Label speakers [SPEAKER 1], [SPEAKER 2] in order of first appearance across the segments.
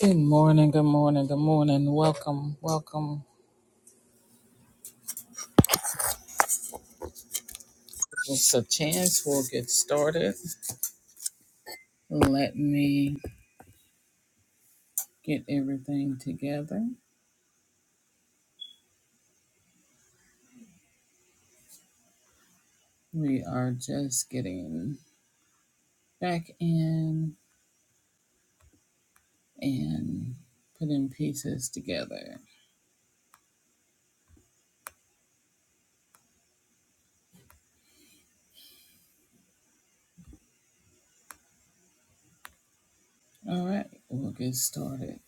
[SPEAKER 1] Good morning, good morning, good morning. Welcome, welcome. It's a chance we'll get started. Let me get everything together. We are just getting back in and putting pieces together. All right, we'll get started.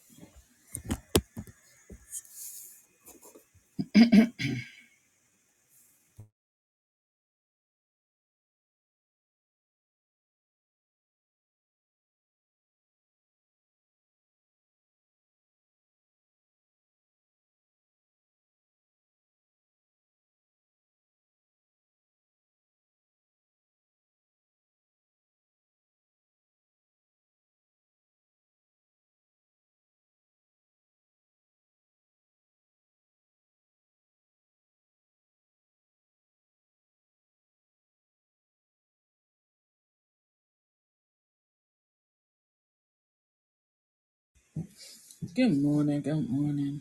[SPEAKER 1] Good morning, good morning.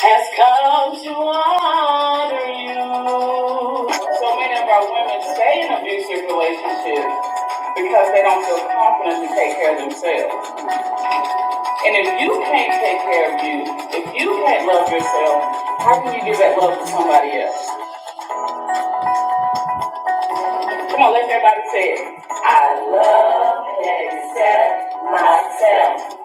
[SPEAKER 1] has come to honor you. So many of our women stay in abusive relationships because they don't feel confident to take care of themselves. And if you can't take care of you, if you can't love yourself, how can you give that love to somebody else? Come on, let everybody say it. I love and accept myself.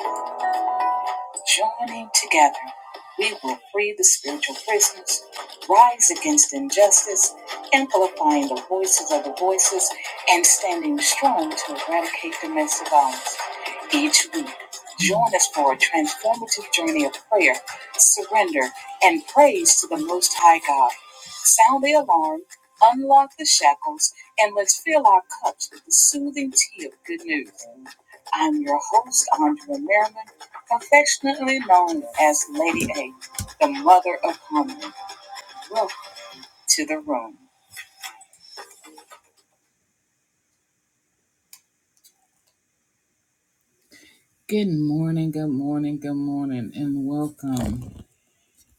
[SPEAKER 1] Good morning, good morning, good morning, and welcome.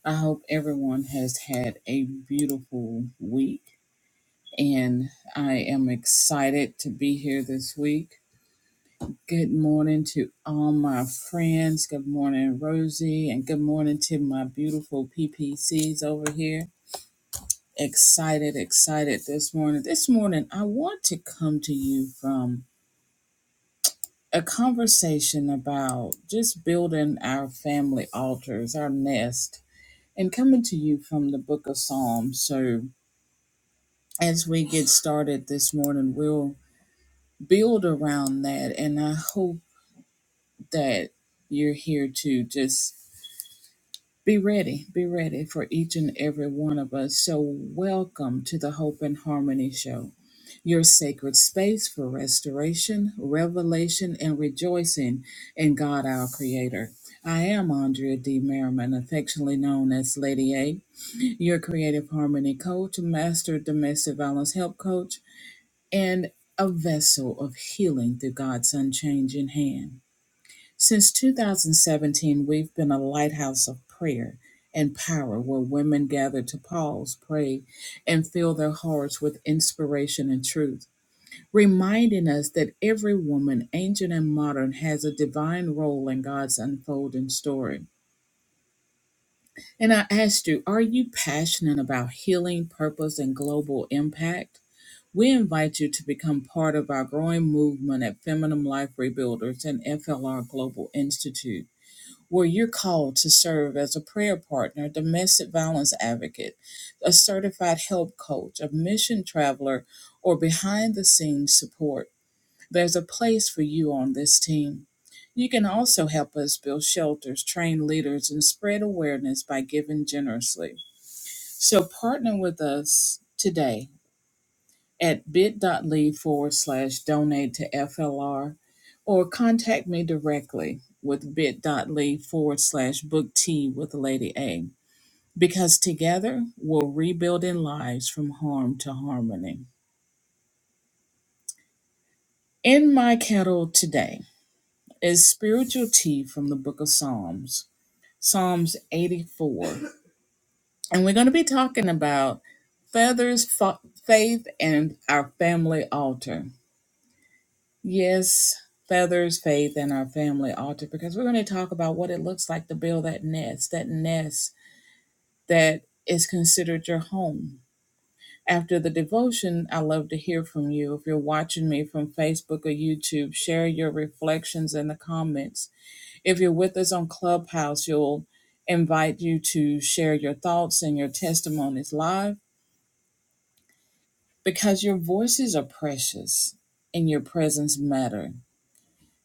[SPEAKER 1] I hope everyone has had a beautiful week. and I am excited to be here this week. Good morning to all my friends. Good morning, Rosie, and good morning to my beautiful PPCs over here. Excited, excited this morning. This morning, I want to come to you from a conversation about just building our family altars, our nest, and coming to you from the book of Psalms. So, as we get started this morning, we'll build around that. And I hope that you're here to just be ready, be ready for each and every one of us. So, welcome to the Hope and Harmony Show, your sacred space for restoration, revelation, and rejoicing in God our Creator. I am Andrea D. Merriman, affectionately known as Lady A, your creative harmony coach, master domestic violence help coach and a vessel of healing through God's unchanging hand. Since 2017, we've been a lighthouse of prayer and power where women gather to pause, pray, and fill their hearts with inspiration and truth, reminding us that every woman, ancient and modern, has a divine role in God's unfolding story. And I asked you, are you passionate about healing, purpose, and global impact? We invite you to become part of our growing movement at Feminine Life Rebuilders and FLR Global Institute, where you're called to serve as a prayer partner, domestic violence advocate, a certified help coach, a mission traveler, or behind the scenes support. There's a place for you on this team. You can also help us build shelters, train leaders, and spread awareness by giving generously. So partner with us today at bit.ly forward slash donate to FLR or contact me directly with bit.ly forward slash book tea with Lady A because together we're rebuilding lives from harm to harmony. In my kettle today, is spiritual tea from the book of Psalms, Psalms 84. And we're going to be talking about feathers, fa- faith, and our family altar. Yes, feathers, faith, and our family altar, because we're going to talk about what it looks like to build that nest, that nest that is considered your home. After the devotion, I love to hear from you. If you're watching me from Facebook or YouTube, share your reflections in the comments If you're with us on Clubhouse, you'll invite you to share your thoughts and your testimonies live because your voices are precious and your presence matter.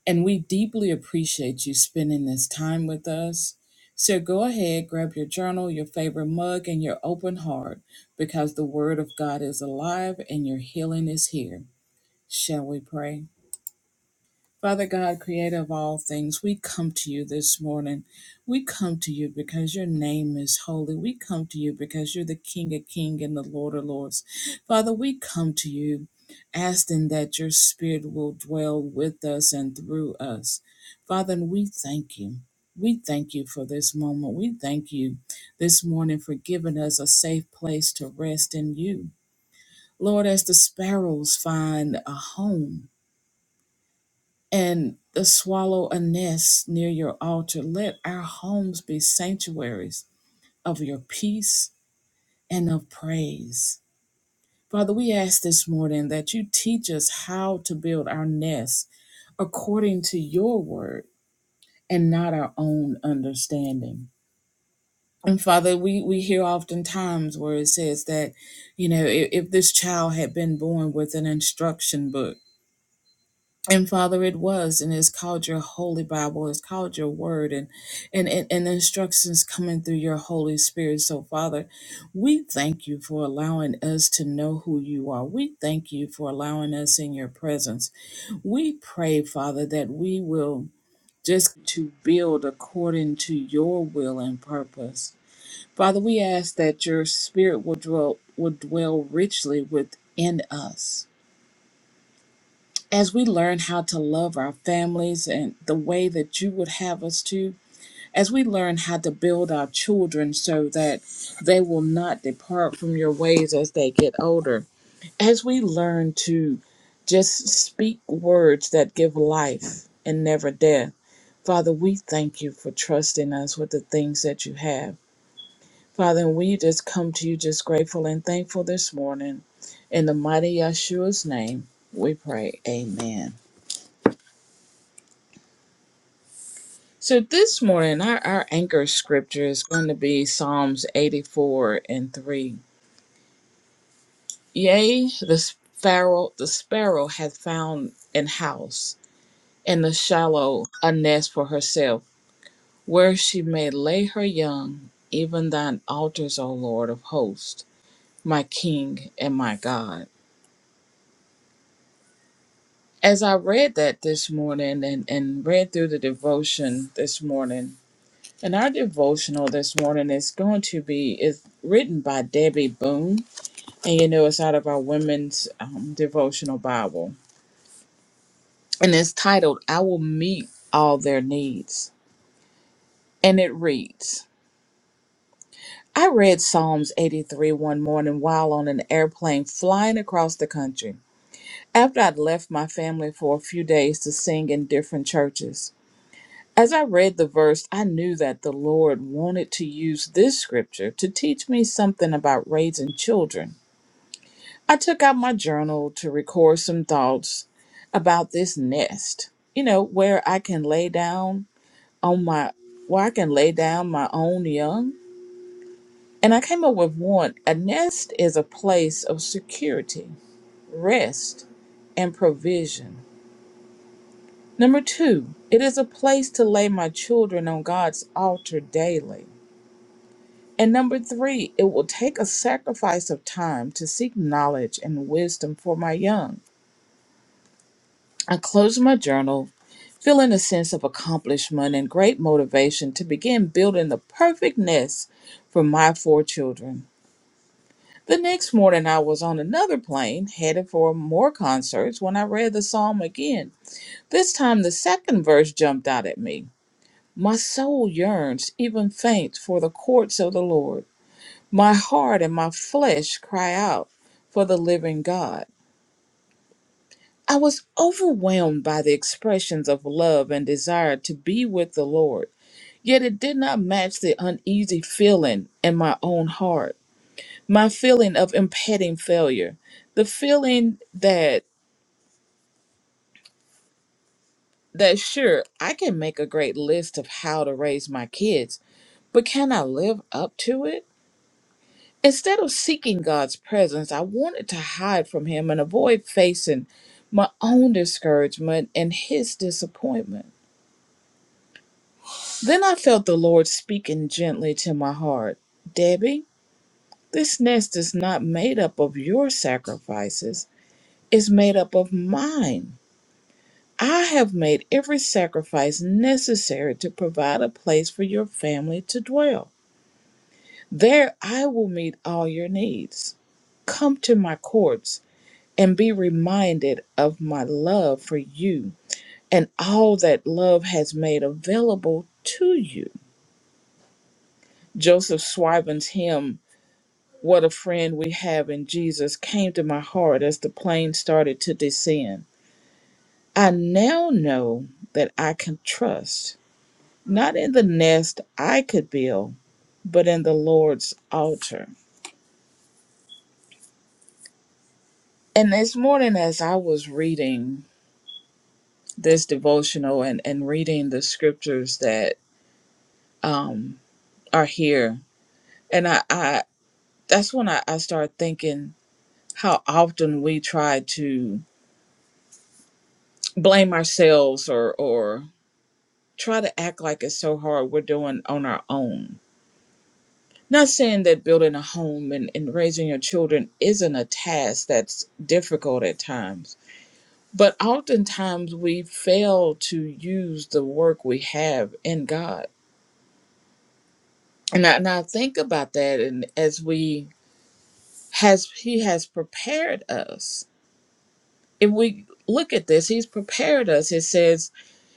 [SPEAKER 1] And we deeply appreciate you spending this time with us. So go ahead, grab your journal, your favorite mug, and your open heart because the word of God is alive and your healing is here. Shall we pray? Father God, creator of all things, we come to you this morning. We come to you because your name is holy. We come to you because you're the King of kings and the Lord of lords. Father, we come to you asking that your spirit will dwell with us and through us. Father, and we thank you. We thank you for this moment. We thank you this morning for giving us a safe place to rest in you. Lord, as the sparrows find a home, and the swallow a nest near your altar. Let our homes be sanctuaries of your peace and of praise. Father, we ask this morning that you teach us how to build our nest according to your word and not our own understanding. And Father, we, we hear oftentimes where it says that, you know, if, if this child had been born with an instruction book, and father it was and it's called your holy bible it's called your word and and and, and instructions coming through your holy spirit so father we thank you for allowing us to know who you are we thank you for allowing us in your presence we pray father that we will just to build according to your will and purpose father we ask that your spirit will dwell will dwell richly within us as we learn how to love our families and the way that you would have us to, as we learn how to build our children so that they will not depart from your ways as they get older, as we learn to just speak words that give life and never death, Father, we thank you for trusting us with the things that you have. Father, and we just come to you just grateful and thankful this morning. In the mighty Yeshua's name, we pray. Amen. So this morning, our, our anchor scripture is going to be Psalms 84 and 3. Yea, the sparrow, the sparrow hath found an house, and the shallow a nest for herself, where she may lay her young, even thine altars, O Lord of hosts, my King and my God. As I read that this morning and, and read through the devotion this morning, And our devotional this morning is going to be is written by Debbie Boone, and you know it's out of our women's um, devotional Bible, and it's titled "I Will Meet All Their Needs," and it reads. I read Psalms 83 one morning while on an airplane flying across the country. After I'd left my family for a few days to sing in different churches, as I read the verse, I knew that the Lord wanted to use this scripture to teach me something about raising children I took out my journal to record some thoughts about this nest, you know, where I can lay down on my, where I can lay down my own young. And I came up with one. A nest is a place of security, rest, and provision. Number two, it is a place to lay my children on God's altar daily. And number three, it will take a sacrifice of time to seek knowledge and wisdom for my young. I closed my journal feeling a sense of accomplishment and great motivation to begin building the perfect nest for my four children. The next morning, I was on another plane headed for more concerts when I read the psalm again. This time, the second verse jumped out at me. My soul yearns, even faints, for the courts of the Lord. My heart and my flesh cry out for the living God. I was overwhelmed by the expressions of love and desire to be with the Lord, yet it did not match the uneasy feeling in my own heart, my feeling of impending failure, the feeling that that sure I can make a great list of how to raise my kids, but can I live up to it? Instead of seeking God's presence, I wanted to hide from him and avoid facing my own discouragement and his disappointment. Then I felt the Lord speaking gently to my heart Debbie, this nest is not made up of your sacrifices, it's made up of mine. I have made every sacrifice necessary to provide a place for your family to dwell. There I will meet all your needs. Come to my courts and be reminded of my love for you and all that love has made available to you. Joseph Swiven's hymn What a friend we have in Jesus came to my heart as the plane started to descend. I now know that I can trust, not in the nest I could build, but in the Lord's altar. And this morning, as I was reading this devotional and, and reading the scriptures that um, are here, and I, I that's when I, I started thinking how often we try to blame ourselves or, or try to act like it's so hard we're doing on our own. Not saying that building a home and, and raising your children isn't a task that's difficult at times, but oftentimes we fail to use the work we have in God. And I, and I think about that, and as we has He has prepared us. If we look at this, He's prepared us. It says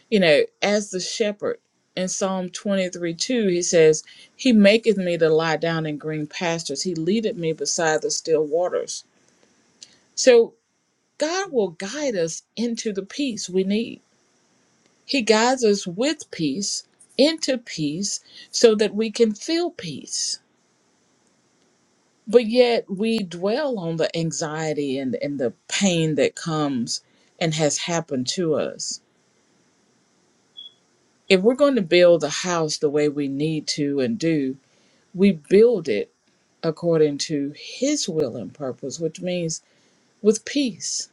[SPEAKER 1] you know, as the shepherd in Psalm 23 2, he says, He maketh me to lie down in green pastures, He leadeth me beside the still waters. So God will guide us into the peace we need. He guides us with peace into peace so that we can feel peace. But yet we dwell on the anxiety and, and the pain that comes and has happened to us. If we're going to build a house the way we need to and do, we build it according to his will and purpose which means with peace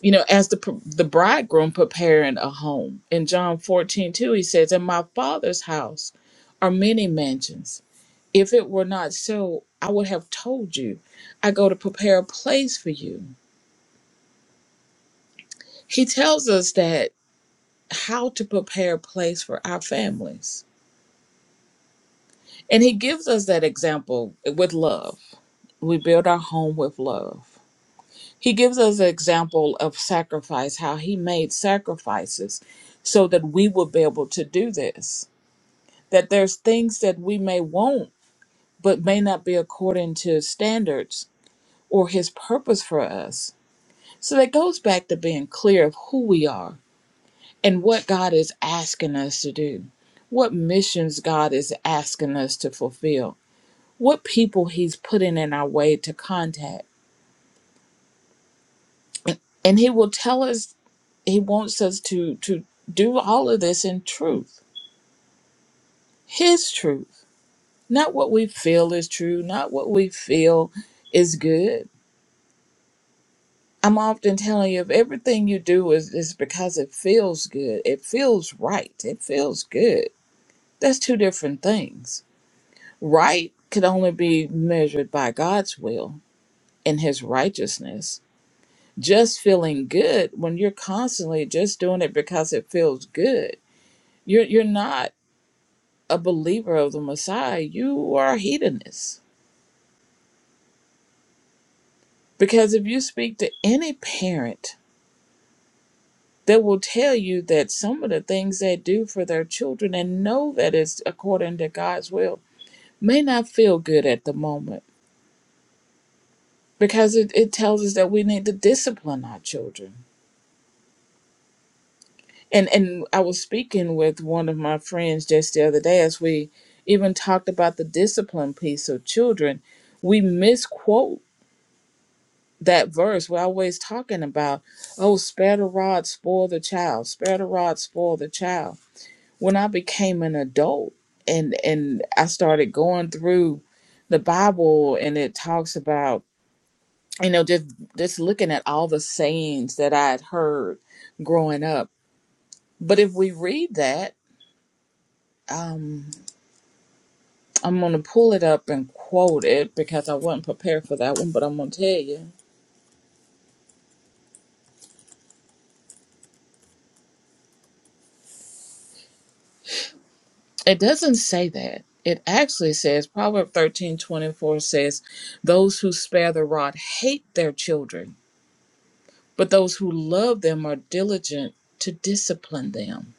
[SPEAKER 1] you know as the pr- the bridegroom preparing a home in john 14 2, he says in my father's house are many mansions if it were not so i would have told you i go to prepare a place for you he tells us that how to prepare a place for our families and he gives us that example with love we build our home with love He gives us an example of sacrifice, how he made sacrifices so that we would be able to do this. That there's things that we may want, but may not be according to his standards or his purpose for us. So that goes back to being clear of who we are and what God is asking us to do, what missions God is asking us to fulfill, what people he's putting in our way to contact. And he will tell us he wants us to to do all of this in truth his truth not what we feel is true not what we feel is good i'm often telling you if everything you do is, is because it feels good it feels right it feels good that's two different things right could only be measured by god's will and his righteousness just feeling good when you're constantly just doing it because it feels good you're you're not a believer of the Messiah, you are a hedonist. Because if you speak to any parent, they will tell you that some of the things they do for their children and know that it's according to God's will may not feel good at the moment because it, it tells us that we need to discipline our children. And and I was speaking with one of my friends just the other day as we even talked about the discipline piece of children. We misquote that verse we're always talking about oh spare the rod spoil the child spare the rod spoil the child when i became an adult and and i started going through the bible and it talks about you know just just looking at all the sayings that i had heard growing up but if we read that um i'm going to pull it up and quote it because i wasn't prepared for that one but i'm going to tell you It doesn't say that. It actually says Proverb thirteen twenty four says, Those who spare the rod hate their children, but those who love them are diligent to discipline them.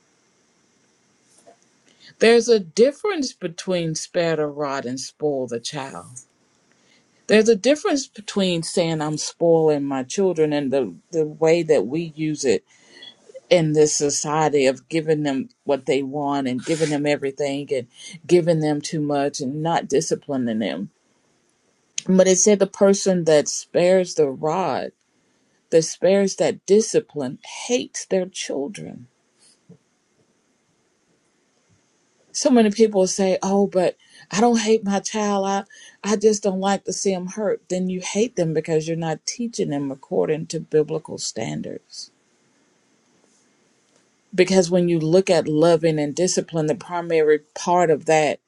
[SPEAKER 1] There's a difference between spare the rod and spoil the child. There's a difference between saying I'm spoiling my children and the, the way that we use it in this society of giving them what they want and giving them everything and giving them too much and not disciplining them But it said the person that spares the rod, that spares that discipline, hates their children. So many people say, Oh, but I don't hate my child. I, I just don't like to see them hurt. Then you hate them because you're not teaching them according to biblical standards. Because when you look at loving and discipline, the primary part of that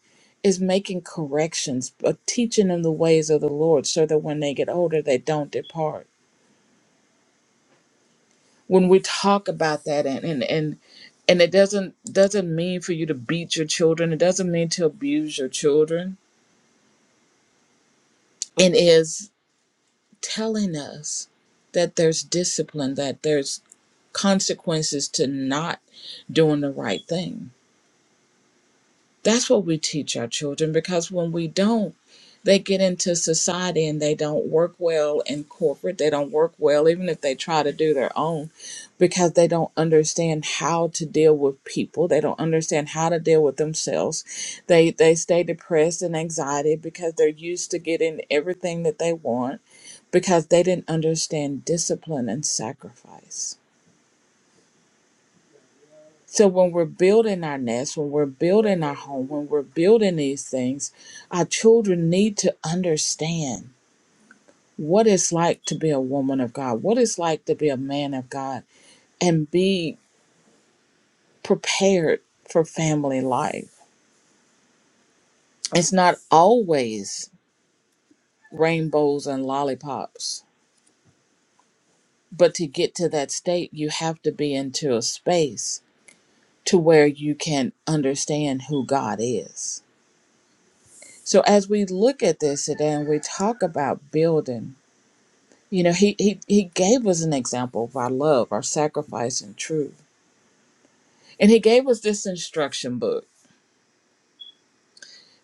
[SPEAKER 1] is making corrections, but teaching them the ways of the Lord so that when they get older, they don't depart. when we talk about that and and and, and it doesn't doesn't mean for you to beat your children it doesn't mean to abuse your children it is telling us that there's discipline that there's consequences to not doing the right thing That's what we teach our children because when we don't, they get into society and they don't work well in corporate. They don't work well, even if they try to do their own, because they don't understand how to deal with people. They don't understand how to deal with themselves. They they stay depressed and anxiety because they're used to getting everything that they want because they didn't understand discipline and sacrifice. So when we're building our nest, when we're building our home, when we're building these things, our children need to understand what it's like to be a woman of God, what it's like to be a man of God, and be prepared for family life. It's not always rainbows and lollipops, but to get to that state, you have to be into a space to where you can understand who God is So as we look at this today and we talk about building, you know, he, he he gave us an example of our love, our sacrifice and truth. And he gave us this instruction book.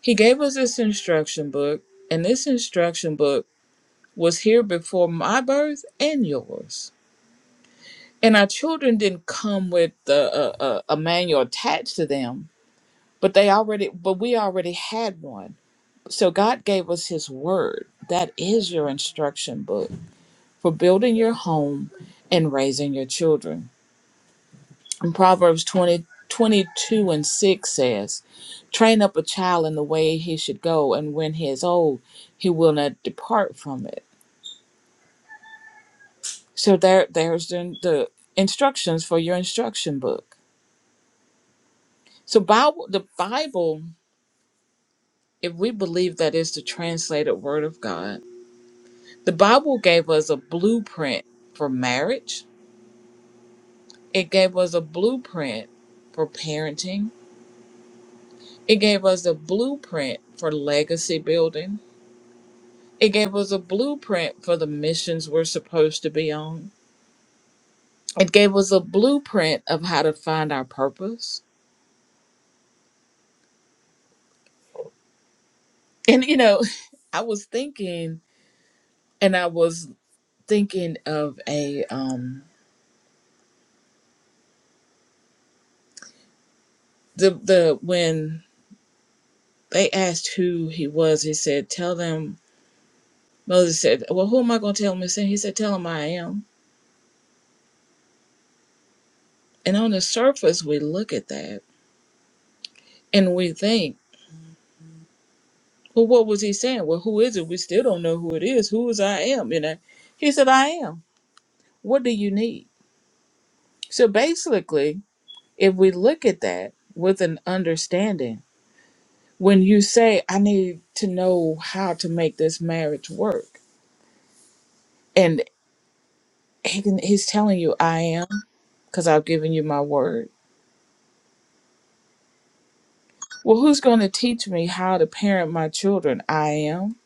[SPEAKER 1] He gave us this instruction book, and this instruction book was here before my birth and yours. And our children didn't come with the, a, a, a manual attached to them, but they already, but we already had one. So God gave us His Word. That is your instruction book for building your home and raising your children. And Proverbs 20 22 and 6 says, Train up a child in the way he should go, and when he is old, he will not depart from it. So there, there's the, the instructions for your instruction book. So Bible, the Bible, if we believe that is the translated word of God, the Bible gave us a blueprint for marriage. It gave us a blueprint for parenting It gave us a blueprint for legacy building. It gave us a blueprint for the missions we're supposed to be on. It gave us a blueprint of how to find our purpose. And you know, I was thinking and I was thinking of a um the the when they asked who he was, he said, Tell them Moses said, Well, who am I gonna tell them?" he said, Tell them I am. And on the surface we look at that and we think Well, what was he saying? Well, who is it? We still don't know who it is. Who is I am? You know, he said, I am. What do you need? So basically, if we look at that with an understanding, when you say, I need to know how to make this marriage work, and he can, he's telling you, I am, because I've given you my word. Well, who's going to teach me how to parent my children? I am.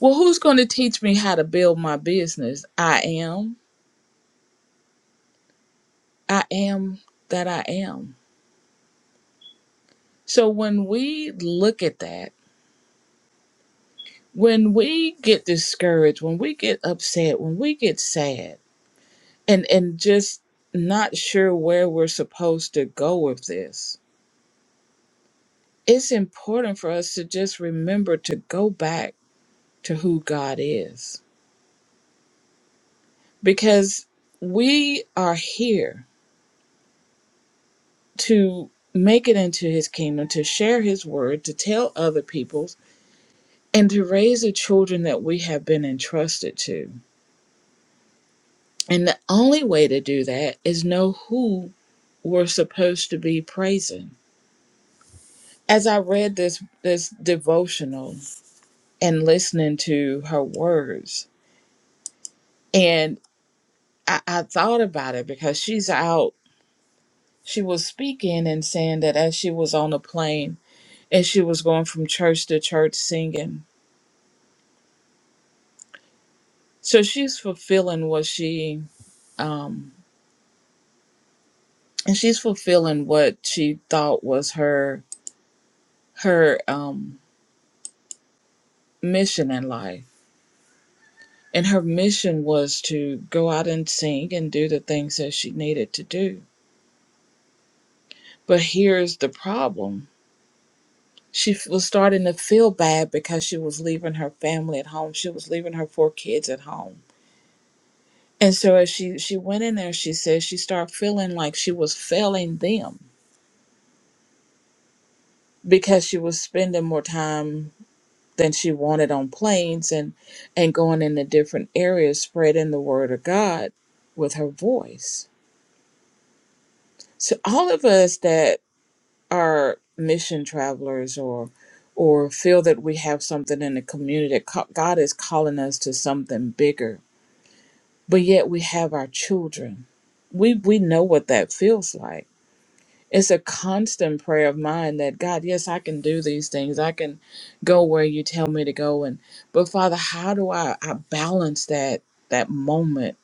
[SPEAKER 1] Well, who's going to teach me how to build my business? I am. I am that I am. So when we look at that, when we get discouraged, when we get upset, when we get sad and and just not sure where we're supposed to go with this, it's important for us to just remember to go back to who God is because we are here to make it into his kingdom, to share his word, to tell other people's and to raise the children that we have been entrusted to. And the only way to do that is know who we're supposed to be praising. As I read this this devotional and listening to her words, and I, I thought about it because she's out. She was speaking and saying that as she was on a plane and she was going from church to church singing. So she's fulfilling what she um and she's fulfilling what she thought was her her um mission in life And her mission was to go out and sing and do the things that she needed to do. But here's the problem she f- was starting to feel bad because she was leaving her family at home, she was leaving her four kids at home. And so as she, she went in there, she said she started feeling like she was failing them because she was spending more time than she wanted on planes and, and going into different areas, spreading the word of God with her voice. So all of us that are mission travelers or or feel that we have something in the community that co- God is calling us to something bigger but yet we have our children we we know what that feels like it's a constant prayer of mine that God yes I can do these things I can go where you tell me to go and but father how do I I balance that that moment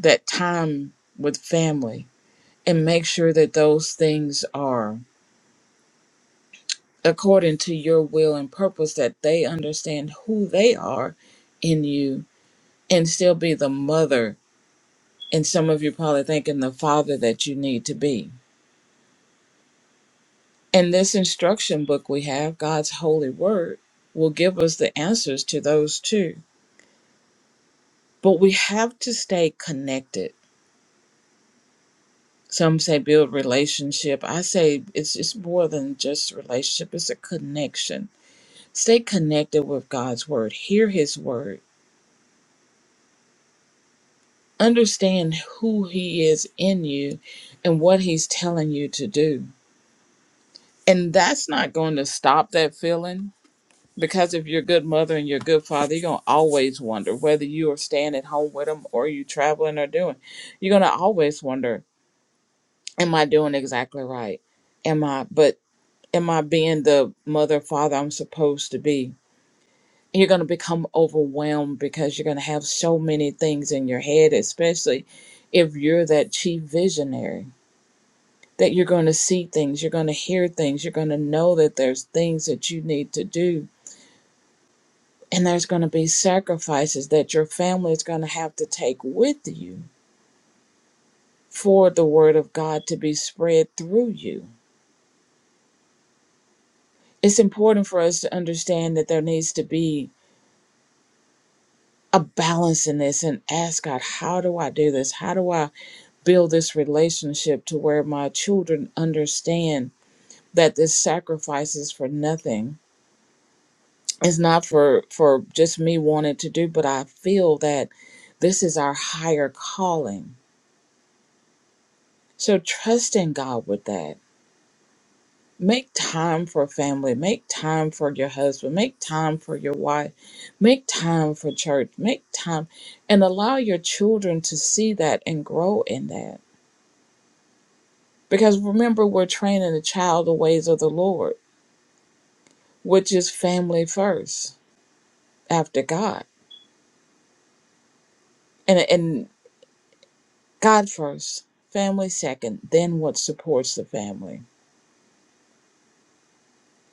[SPEAKER 1] that time with family and make sure that those things are according to your will and purpose that they understand who they are in you and still be the mother and some of you probably thinking the father that you need to be and this instruction book we have god's holy word will give us the answers to those too but we have to stay connected some say build relationship i say it's it's more than just relationship it's a connection stay connected with god's word hear his word understand who he is in you and what he's telling you to do. And that's not going to stop that feeling because if you're a good mother and you're a good father, you're going to always wonder whether you are staying at home with them or you traveling or doing. You're going to always wonder, am I doing exactly right? Am I, but am I being the mother, father I'm supposed to be? You're going to become overwhelmed because you're going to have so many things in your head, especially if you're that chief visionary that you're going to see things, you're going to hear things, you're going to know that there's things that you need to do. And there's going to be sacrifices that your family is going to have to take with you for the word of God to be spread through you. It's important for us to understand that there needs to be a balance in this and ask God, how do I do this? How do I build this relationship to where my children understand that this sacrifice is for nothing? it's not for for just me wanting to do but i feel that this is our higher calling so trust in god with that make time for family make time for your husband make time for your wife make time for church make time and allow your children to see that and grow in that because remember we're training a child the ways of the lord which is family first after god God first, family second, then what supports the family.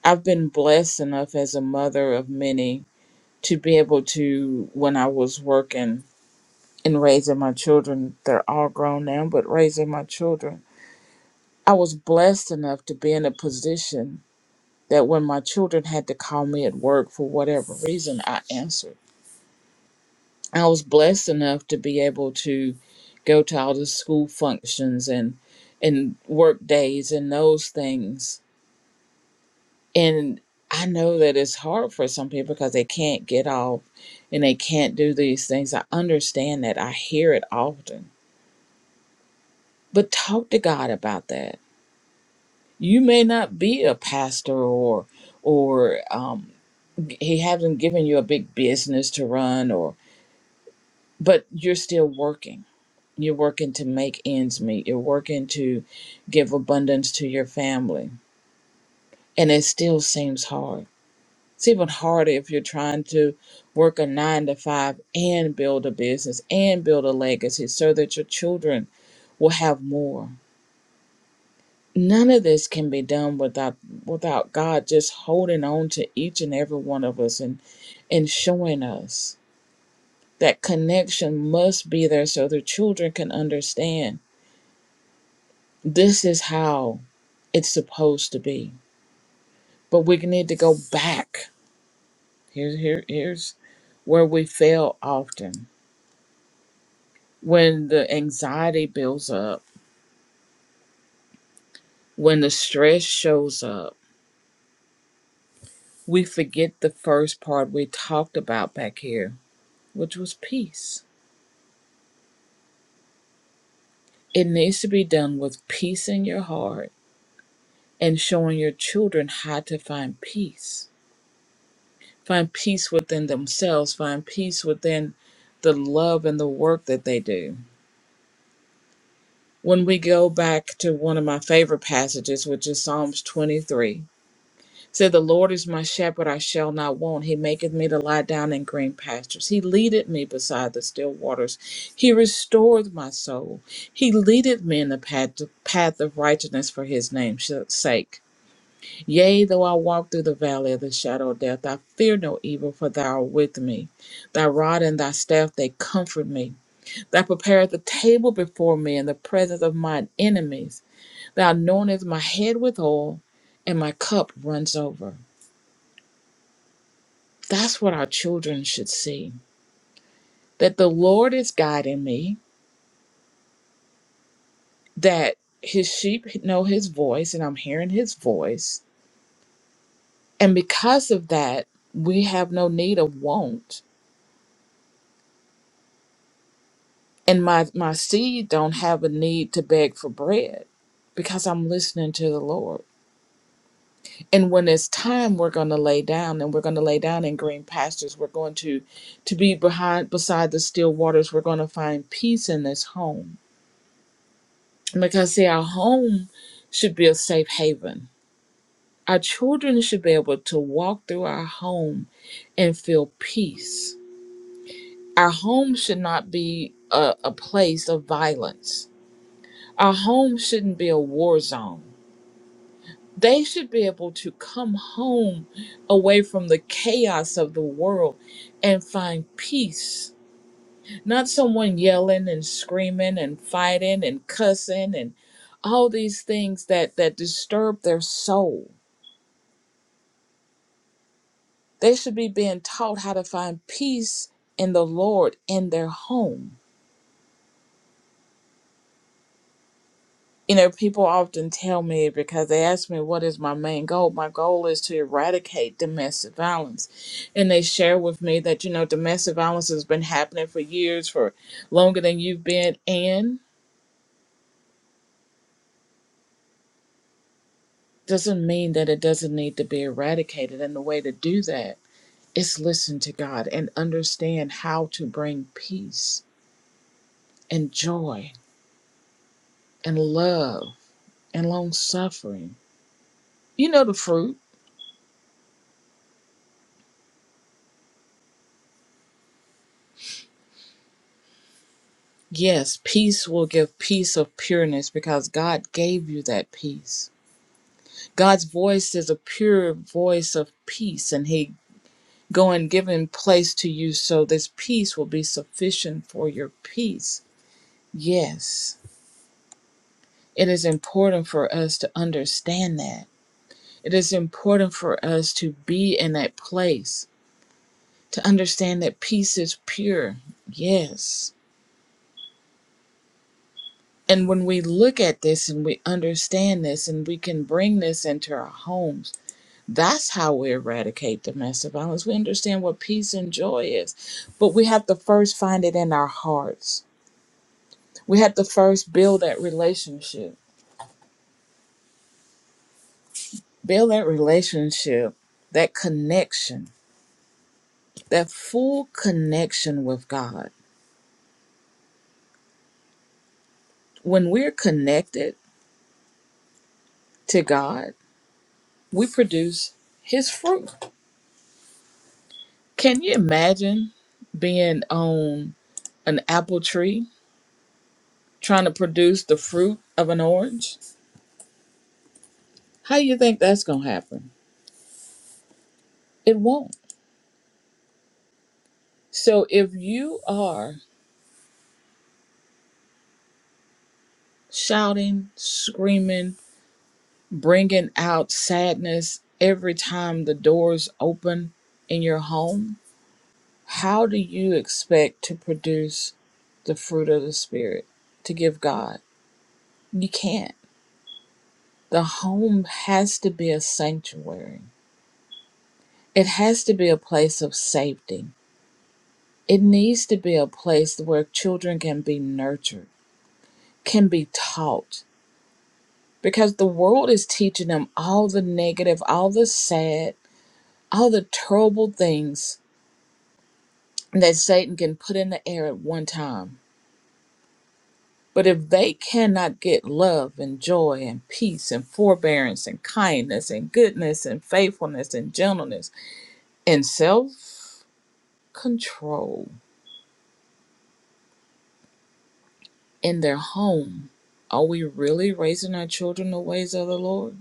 [SPEAKER 1] I've been blessed enough as a mother of many to be able to, when I was working and raising my children, they're all grown now, but raising my children, I was blessed enough to be in a position that when my children had to call me at work for whatever reason, I answered. I was blessed enough to be able to go to all the school functions and and work days and those things And I know that it's hard for some people because they can't get off and they can't do these things. I understand that. I hear it often. But talk to God about that. You may not be a pastor or or um, he hasn't given you a big business to run or but you're still working. You're working to make ends meet. You're working to give abundance to your family. And it still seems hard It's even harder if you're trying to work a nine to five and build a business and build a legacy so that your children will have more. None of this can be done without without God just holding on to each and every one of us and, and showing us that connection must be there so the children can understand this is how it's supposed to be. But we need to go back. Here, here, here's where we fail often when the anxiety builds up, when the stress shows up, we forget the first part we talked about back here, which was peace. It needs to be done with peace in your heart and showing your children how to find peace. Find peace within themselves, find peace within the love and the work that they do. When we go back to one of my favorite passages, which is Psalms 23, said, The Lord is my shepherd, I shall not want. He maketh me to lie down in green pastures. He leadeth me beside the still waters. He restoreth my soul. He leadeth me in the path, path of righteousness for his name's sake. Yea, though I walk through the valley of the shadow of death, I fear no evil, for thou art with me. Thy rod and thy staff, they comfort me. Thou preparest a table before me in the presence of mine enemies. Thou anointest my head with oil, and my cup runs over. That's what our children should see that the Lord is guiding me, that his sheep know his voice, and I'm hearing his voice. And because of that, we have no need of want. And my, my seed don't have a need to beg for bread because I'm listening to the Lord. And when it's time, we're going to lay down and we're going to lay down in green pastures. We're going to, to be behind, beside the still waters. We're going to find peace in this home Because, see, our home should be a safe haven. Our children should be able to walk through our home and feel peace. Our home should not be a, a place of violence. Our home shouldn't be a war zone. They should be able to come home away from the chaos of the world and find peace. Not someone yelling and screaming and fighting and cussing and all these things that, that disturb their soul They should be being taught how to find peace in the Lord in their home. You know, people often tell me because they ask me, What is my main goal? My goal is to eradicate domestic violence. And they share with me that, you know, domestic violence has been happening for years, for longer than you've been in. Doesn't mean that it doesn't need to be eradicated. And the way to do that is listen to God and understand how to bring peace and joy and love and long suffering You know the fruit. Yes, peace will give peace of pureness because God gave you that peace. God's voice is a pure voice of peace, and He go and give in place to you so this peace will be sufficient for your peace. Yes, it is important for us to understand that. It is important for us to be in that place, to understand that peace is pure. Yes And when we look at this and we understand this and we can bring this into our homes, that's how we eradicate domestic violence. We understand what peace and joy is, but we have to first find it in our hearts. We have to first build that relationship, build that relationship, that connection, that full connection with God. When we're connected to God, we produce His fruit. Can you imagine being on? an apple tree trying to produce the fruit of an orange? How do you think that's going to happen? It won't. So if you are shouting, screaming, bringing out sadness every time the doors open in your home, how do you expect to produce the fruit of the Spirit to give God? You can't. The home has to be a sanctuary. It has to be a place of safety It needs to be a place where children can be nurtured, can be taught, because the world is teaching them all the negative, all the sad, all the terrible things that Satan can put in the air at one time. But if they cannot get love and joy and peace and forbearance and kindness and goodness and faithfulness and gentleness and self control in their home, are we really raising our children the ways of the Lord?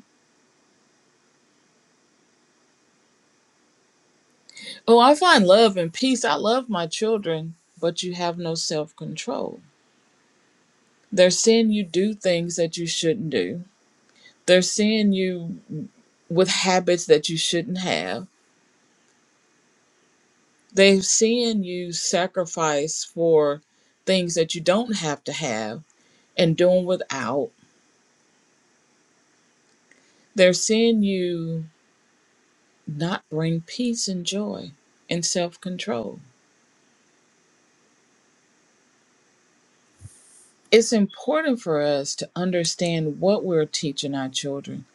[SPEAKER 1] Oh, I find love and peace. I love my children, but you have no self control. They're seeing you do things that you shouldn't do. They're seeing you with habits that you shouldn't have. They're seeing you sacrifice for things that you don't have to have and doing without. They're seeing you not bring peace and joy and self control it's important for us to understand what we're teaching our children.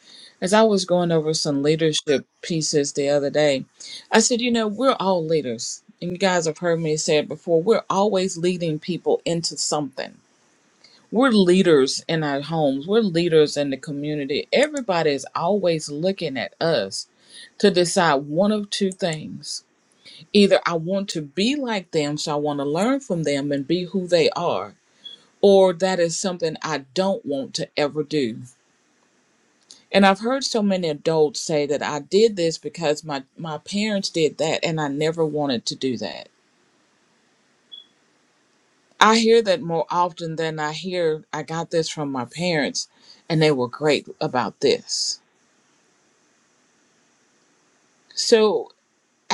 [SPEAKER 1] As I was going over some leadership pieces the other day, I said, you know, we're all leaders. And you guys have heard me say it before we're always leading people into something. We're leaders in our homes, we're leaders in the community. Everybody is always looking at us to decide one of two things either I want to be like them, so I want to learn from them and be who they are or that is something I don't want to ever do. And I've heard so many adults say that I did this because my, my parents did that and I never wanted to do that. I hear that more often than I hear I got this from my parents and they were great about this. So,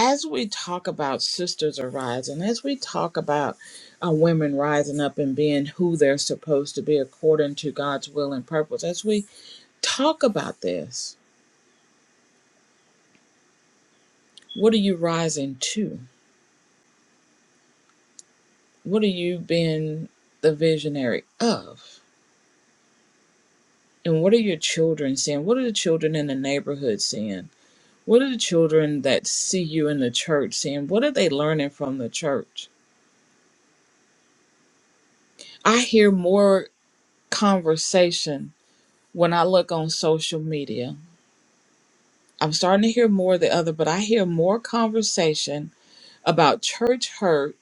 [SPEAKER 1] as we talk about sisters arising, as we talk about uh, women rising up and being who they're supposed to be according to God's will and purpose, as we talk about this, What are you rising to? What are you being the visionary of? And what are your children seeing? What are the children in the neighborhood seeing? What are the children that see you in the church seeing? What are they learning from the church? I hear more conversation when I look on social media. I'm starting to hear more of the other, but I hear more conversation about church hurt,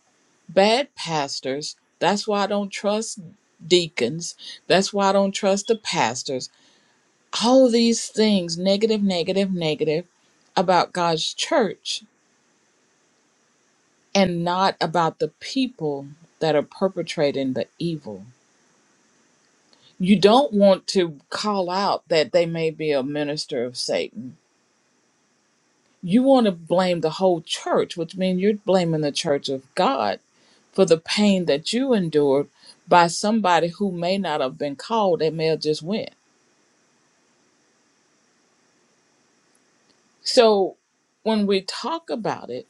[SPEAKER 1] bad pastors. That's why I don't trust deacons. That's why I don't trust the pastors. all these things negative negative negative about god's church and not about the people that are perpetrating the evil you don't want to call out that they may be a minister of satan you want to blame the whole church which means you're blaming the church of god for the pain that you endured by somebody who may not have been called they may have just went so when we talk about it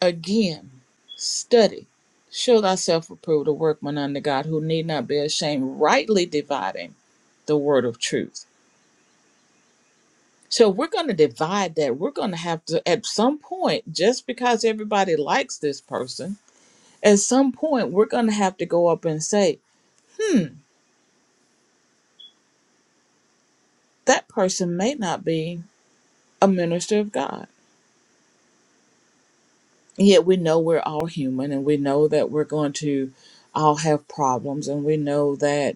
[SPEAKER 1] Again, study. Show thyself approved, a workman under God who need not be ashamed, rightly dividing the word of truth. So we're going to divide that. We're going to have to, at some point, just because everybody likes this person, at some point, we're going to have to go up and say, hmm, that person may not be a minister of God. Yet we know we're all human and we know that we're going to all have problems and we know that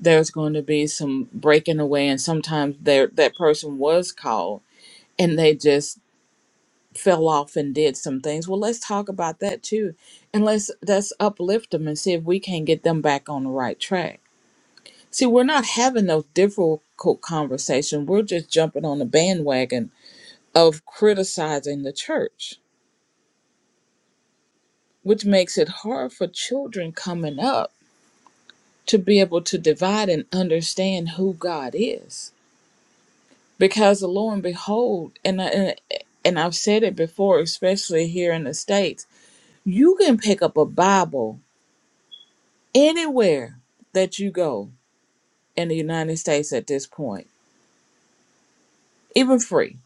[SPEAKER 1] there's going to be some breaking away and sometimes there that person was called and they just fell off and did some things well let's talk about that too and let's let's uplift them and see if we can get them back on the right track see we're not having those difficult conversations we're just jumping on the bandwagon of criticizing the church which makes it hard for children coming up to be able to divide and understand who god is because lo and behold and uh, and and I've said it before especially here in the states you can pick up a bible anywhere that you go in the United States at this point even free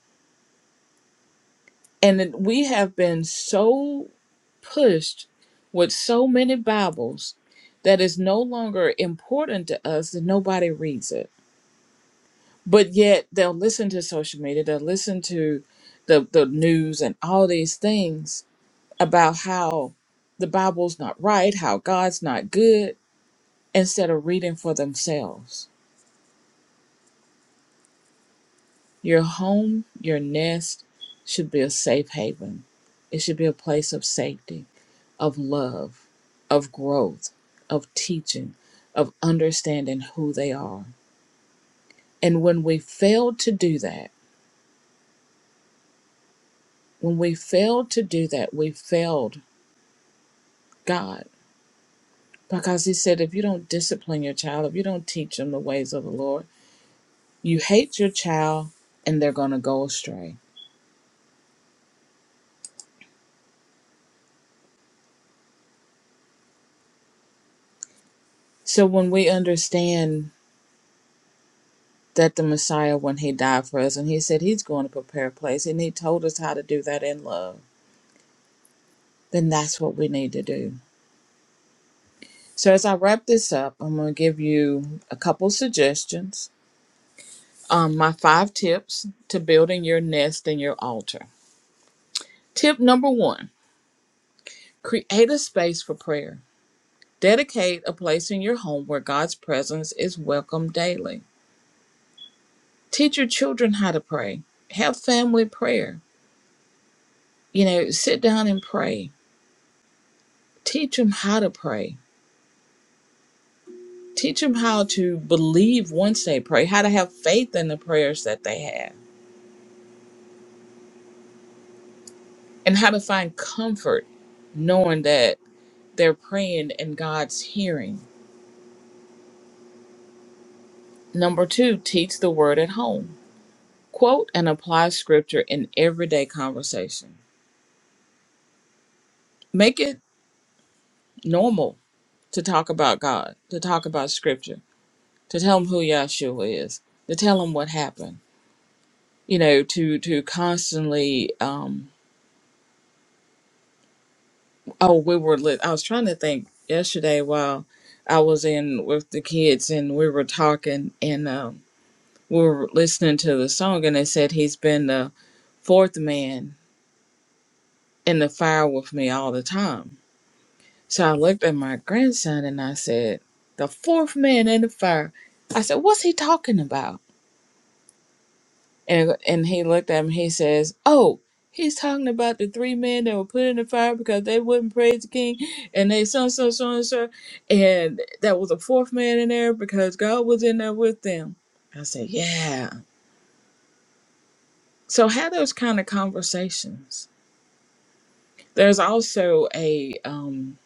[SPEAKER 1] and then we have been so pushed with so many bibles that it's no longer important to us that nobody reads it but yet they'll listen to social media they'll listen to the the news and all these things about how the Bible's not right, how God's not good, instead of reading for themselves. Your home, your nest should be a safe haven. It should be a place of safety, of love, of growth, of teaching, of understanding who they are. And when we failed to do that, when we failed to do that, we failed God. Because he said, if you don't discipline your child, if you don't teach them the ways of the Lord, You hate your child and they're going to go astray. So when we understand that the Messiah, when he died for us and he said he's going to prepare a place and he told us how to do that in love, then that's what we need to do. So as I wrap this up, I'm going to give you a couple suggestions. Um, my five tips to building your nest and your altar. Tip number one create a space for prayer. Dedicate a place in your home where God's presence is welcome daily. Teach your children how to pray. Have family prayer. You know, sit down and pray. Teach them how to pray. Teach them how to believe once they pray, how to have faith in the prayers that they have, and how to find comfort knowing that they're praying and God's hearing. Number two, teach the word at home. Quote and apply scripture in everyday conversation. Make it normal to talk about God, to talk about scripture to tell him who Yahshua is, to tell him what happened, you know, to to constantly. Um, oh, we were lit. I was trying to think yesterday while I was in with the kids and we were talking and um, we were listening to the song and they said he's been the fourth man in the fire with me all the time. So I looked at my grandson and I said, "The fourth man in the fire." I said, "What's he talking about?" And and he looked at him. He says, "Oh, he's talking about the three men that were put in the fire because they wouldn't praise the king, and they so so so and so, and that was a fourth man in there because God was in there with them." I said, "Yeah." So have those kind of conversations. There's also a um,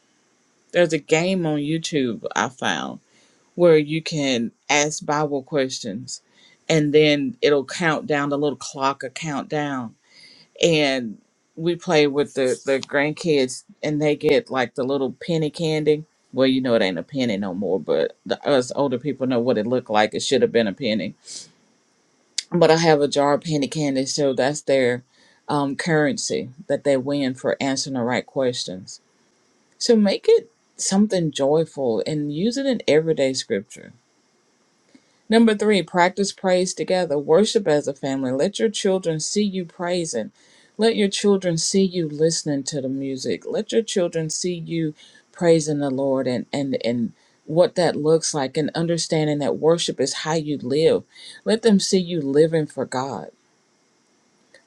[SPEAKER 1] there's a game on YouTube I found where you can ask Bible questions, and then it'll count down the little clock, a countdown. and we play with the the grandkids and they get like the little penny candy well you know it ain't a penny no more but the, us older people know what it looked like it should have been a penny but i have a jar of penny candy so that's their um, currency that they win for answering the right questions so make it something joyful and use it in everyday scripture Number three, practice praise together. Worship as a family. Let your children see you praising. Let your children see you listening to the music. Let your children see you praising the Lord and and and what that looks like and understanding that worship is how you live. Let them see you living for God.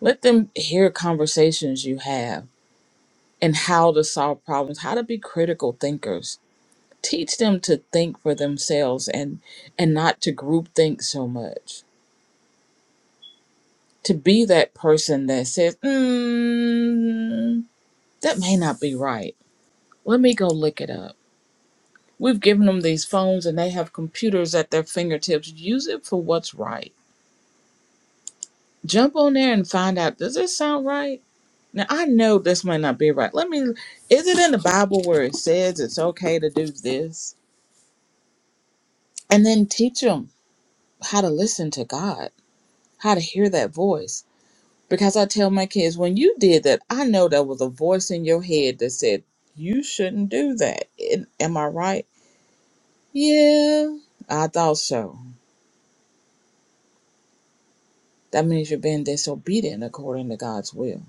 [SPEAKER 1] Let them hear conversations you have and how to solve problems, how to be critical thinkers. Teach them to think for themselves and and not to group think so much to be that person that says, mm, that may not be right. Let me go look it up. We've given them these phones and they have computers at their fingertips. Use it for what's right. Jump on there and find out, does this sound right? Now, I know this might not be right. Let me, is it in the Bible where it says it's okay to do this? And then teach them how to listen to God, how to hear that voice Because I tell my kids, when you did that, I know there was a voice in your head that said, you shouldn't do that. Am am I right? Yeah, I thought so. That means you're being disobedient according to God's will.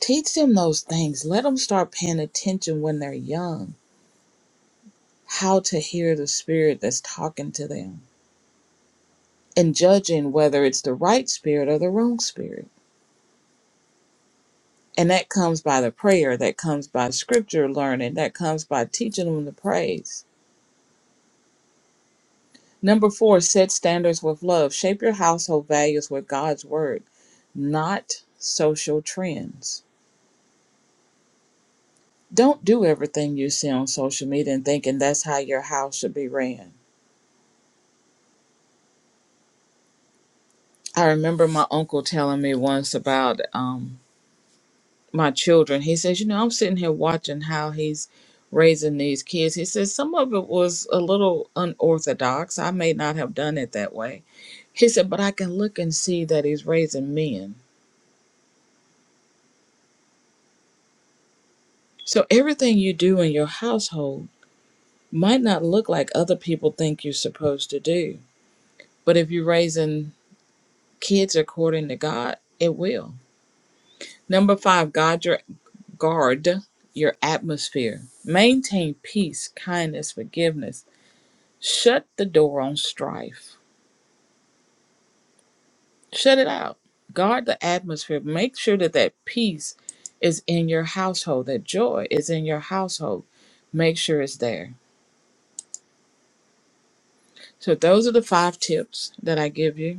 [SPEAKER 1] Teach them those things. Let them start paying attention when they're young, how to hear the spirit that's talking to them and judging whether it's the right spirit or the wrong spirit. And that comes by the prayer, that comes by scripture learning, that comes by teaching them the praise Number four, set standards with love. Shape your household values with God's word, not social trends. Don't do everything you see on social media and thinking that's how your house should be ran. I remember my uncle telling me once about um, my children. He says, You know, I'm sitting here watching how he's raising these kids. He says, Some of it was a little unorthodox. I may not have done it that way. He said, But I can look and see that he's raising men So everything you do in your household might not look like other people think you're supposed to do. But if you're raising kids according to God, it will. Number five, guard your guard your atmosphere. Maintain peace, kindness, forgiveness. Shut the door on strife. Shut it out. Guard the atmosphere. Make sure that that peace is in your household. That joy is in your household. Make sure it's there. So those are the five tips that I give you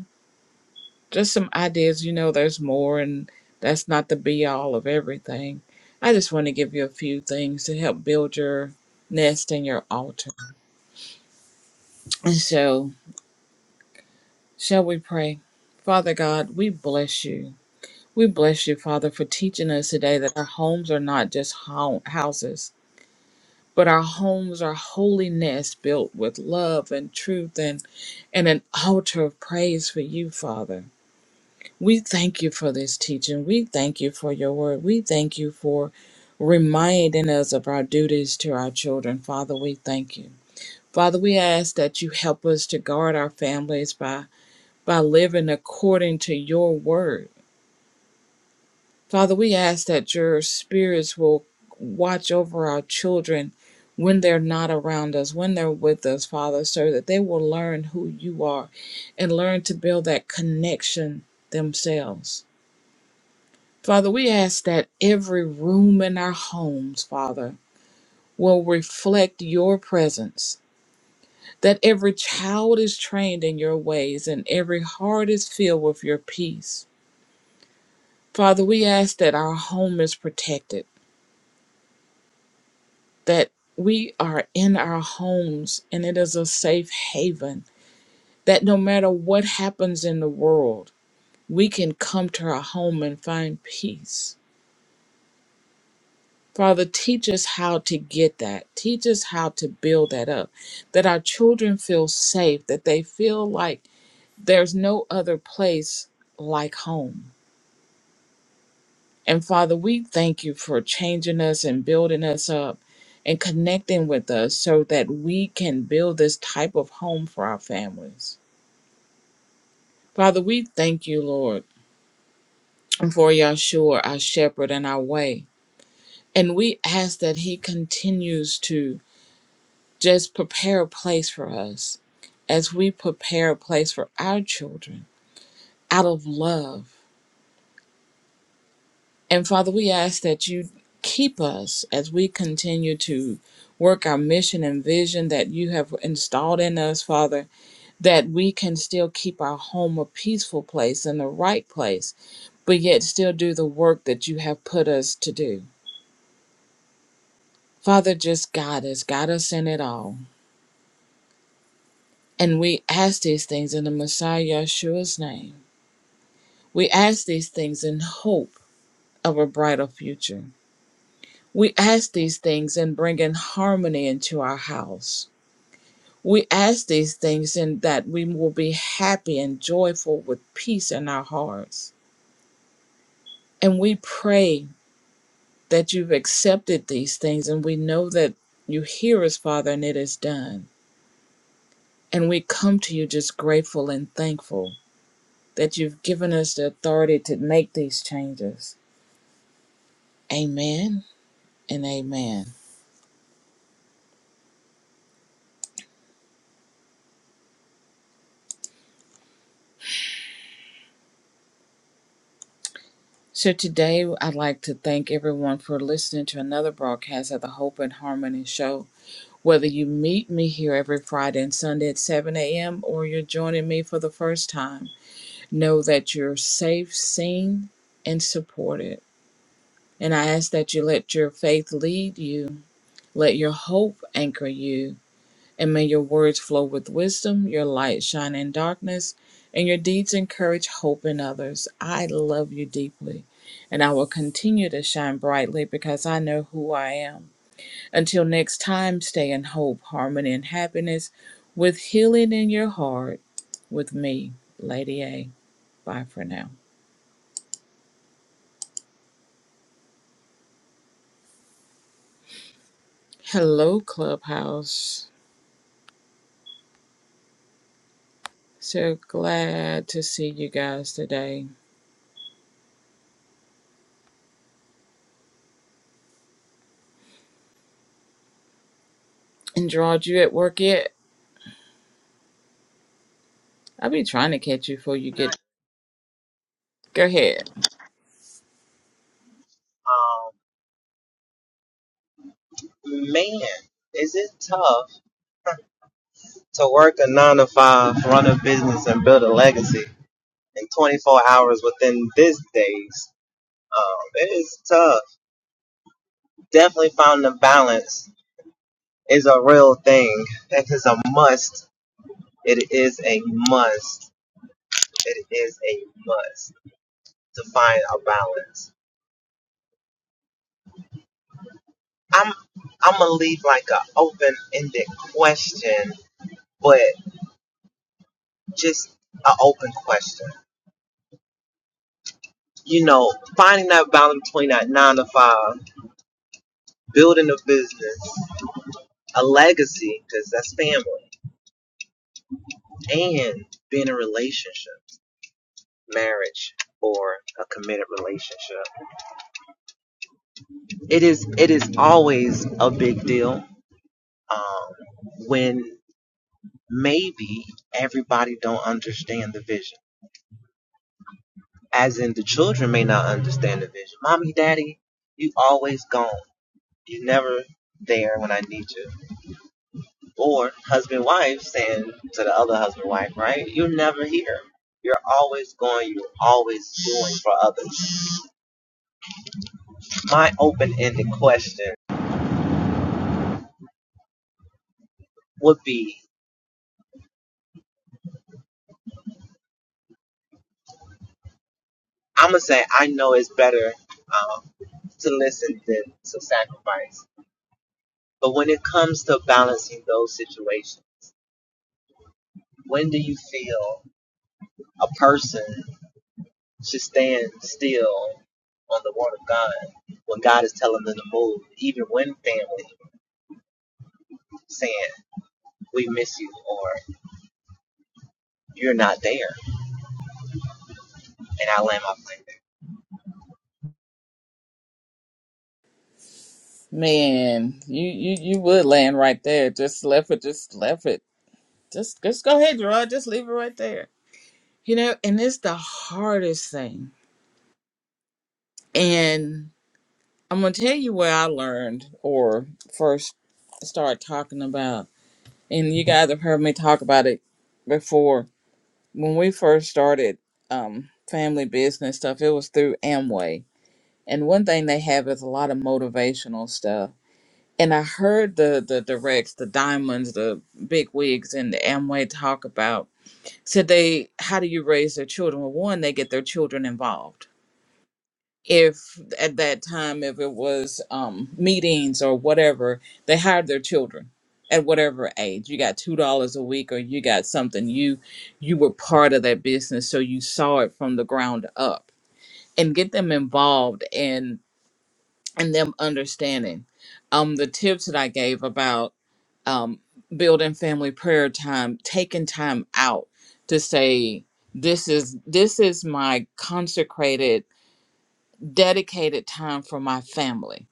[SPEAKER 1] just some ideas. You know, there's more, and that's not the be all of everything. I just want to give you a few things to help build your nest and your altar. And so, shall we pray? Father God, we bless you. We bless you, Father, for teaching us today that our homes are not just hou- houses, but our homes are holy nests built with love and truth and, and an altar of praise for you, Father. We thank you for this teaching. We thank you for your word. We thank you for reminding us of our duties to our children. Father, we thank you. Father, we ask that you help us to guard our families by, by living according to your word. Father, we ask that your spirits will watch over our children when they're not around us, when they're with us, Father, so that they will learn who you are and learn to build that connection themselves. Father, we ask that every room in our homes, Father, will reflect your presence, that every child is trained in your ways and every heart is filled with your peace. Father, we ask that our home is protected, that we are in our homes and it is a safe haven, that no matter what happens in the world, we can come to our home and find peace. Father, teach us how to get that. Teach us how to build that up. That our children feel safe, that they feel like there's no other place like home. And Father, we thank you for changing us and building us up and connecting with us so that we can build this type of home for our families. Father, we thank you, Lord, for Yahshua, our shepherd and our way. And we ask that he continues to Just prepare a place for us as we prepare a place for our children out of love. And Father, we ask that you keep us as we continue to work our mission and vision that you have installed in us, Father, that we can still keep our home a peaceful place and the right place, but yet still do the work that you have put us to do. Father, just guide us, guide us in it all. And we ask these things in the Messiah Yeshua's name. We ask these things in hope of a brighter future. We ask these things in bringing harmony into our house. We ask these things in that we will be happy and joyful with peace in our hearts. And we pray that you've accepted these things and we know that you hear us, Father, and it is done. And we come to you just grateful and thankful that you've given us the authority to make these changes. Amen and amen. So today, I'd like to thank everyone for listening to another broadcast of the Hope and Harmony Show. Whether you meet me here every Friday and Sunday at 7 a.m. or you're joining me for the first time, know that you're safe, seen, and supported. And I ask that you let your faith lead you, let your hope anchor you, and may your words flow with wisdom, your light shine in darkness, and your deeds encourage hope in others. I love you deeply, and I will continue to shine brightly because I know who I am. Until next time, stay in hope, harmony, and happiness with healing in your heart with me, Lady A. Bye for now. Hello, Clubhouse. So glad to see you guys today. And Gerard, you at work yet? I'll be trying to catch you before you
[SPEAKER 2] not
[SPEAKER 1] get. Go ahead.
[SPEAKER 2] um man, is it tough to work a nine to five, run a business and build a legacy in twenty four hours within these days? Um, it is tough. Definitely finding a balance is a real thing. That is a must. It is a must. It is a must to find a balance. I'm I'm gonna leave like an open ended question, but just an open question you know, finding that balance between that nine to five, building a business, a legacy, because that's family, and being in a relationship, marriage, or a committed relationship. It is it is always a big deal um, when maybe everybody don't understand the vision, as in the children may not understand the vision. Mommy, daddy, you always gone. You never there when I need you Or husband wife saying to the other husband wife, right? You're never here. You're always going, you're always doing for others. My open ended question would be I'm going to say, I know it's better um, to listen than to sacrifice. But when it comes to balancing those situations, when do you feel a person should stand still on the word of God when God is telling them to move, even when family saying, we miss you, or You're not there, and I land my plane.
[SPEAKER 1] Man, you you you would land right there. Just left it. Just left it. Just just go ahead, Gerard. Just leave it right there. You know, and it's the hardest thing. And I'm gonna tell you where I learned or first started talking about. And you guys have heard me talk about it before. When we first started um, family business stuff, it was through Amway. And one thing they have is a lot of motivational stuff and I heard the the directs, the diamonds, the big wigs, and the Amway talk about said they how do you raise their children? Well, one, they get their children involved. If at that time, if it was um, meetings or whatever, they hired their children at whatever age. You got two dollars a week, or you got something. You you were part of that business, so you saw it from the ground up, and get them involved and and them understanding. Um, the tips that I gave about um, building family prayer time, taking time out to say, this is this is my consecrated, dedicated time for my family.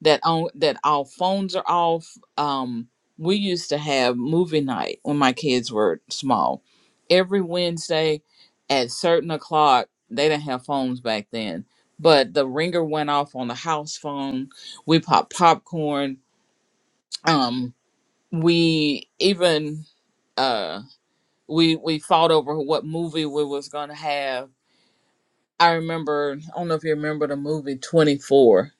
[SPEAKER 1] That on that all phones are off. Um, we used to have movie night when my kids were small. Every Wednesday at certain o'clock, they didn't have phones back then. But the ringer went off on the house phone. We popped popcorn. Um, we even uh we we fought over what movie we was gonna have. I remember I don't know if you remember the movie Twenty Four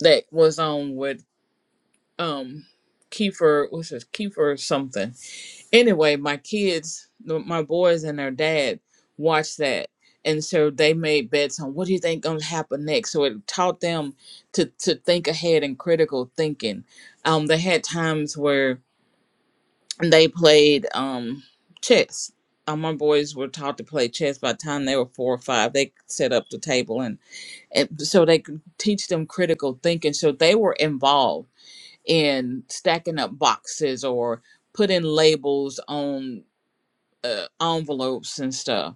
[SPEAKER 1] that was on with um Kiefer what's his Kiefer something. Anyway, my kids, the- my boys and their dad watched that. And so they made bets on what do you think gonna happen next. So it taught them to to think ahead and critical thinking. Um, they had times where they played um chess. All my boys were taught to play chess by the time they were four or five. They set up the table and, and so they could teach them critical thinking. So they were involved in stacking up boxes or putting labels on uh, envelopes and stuff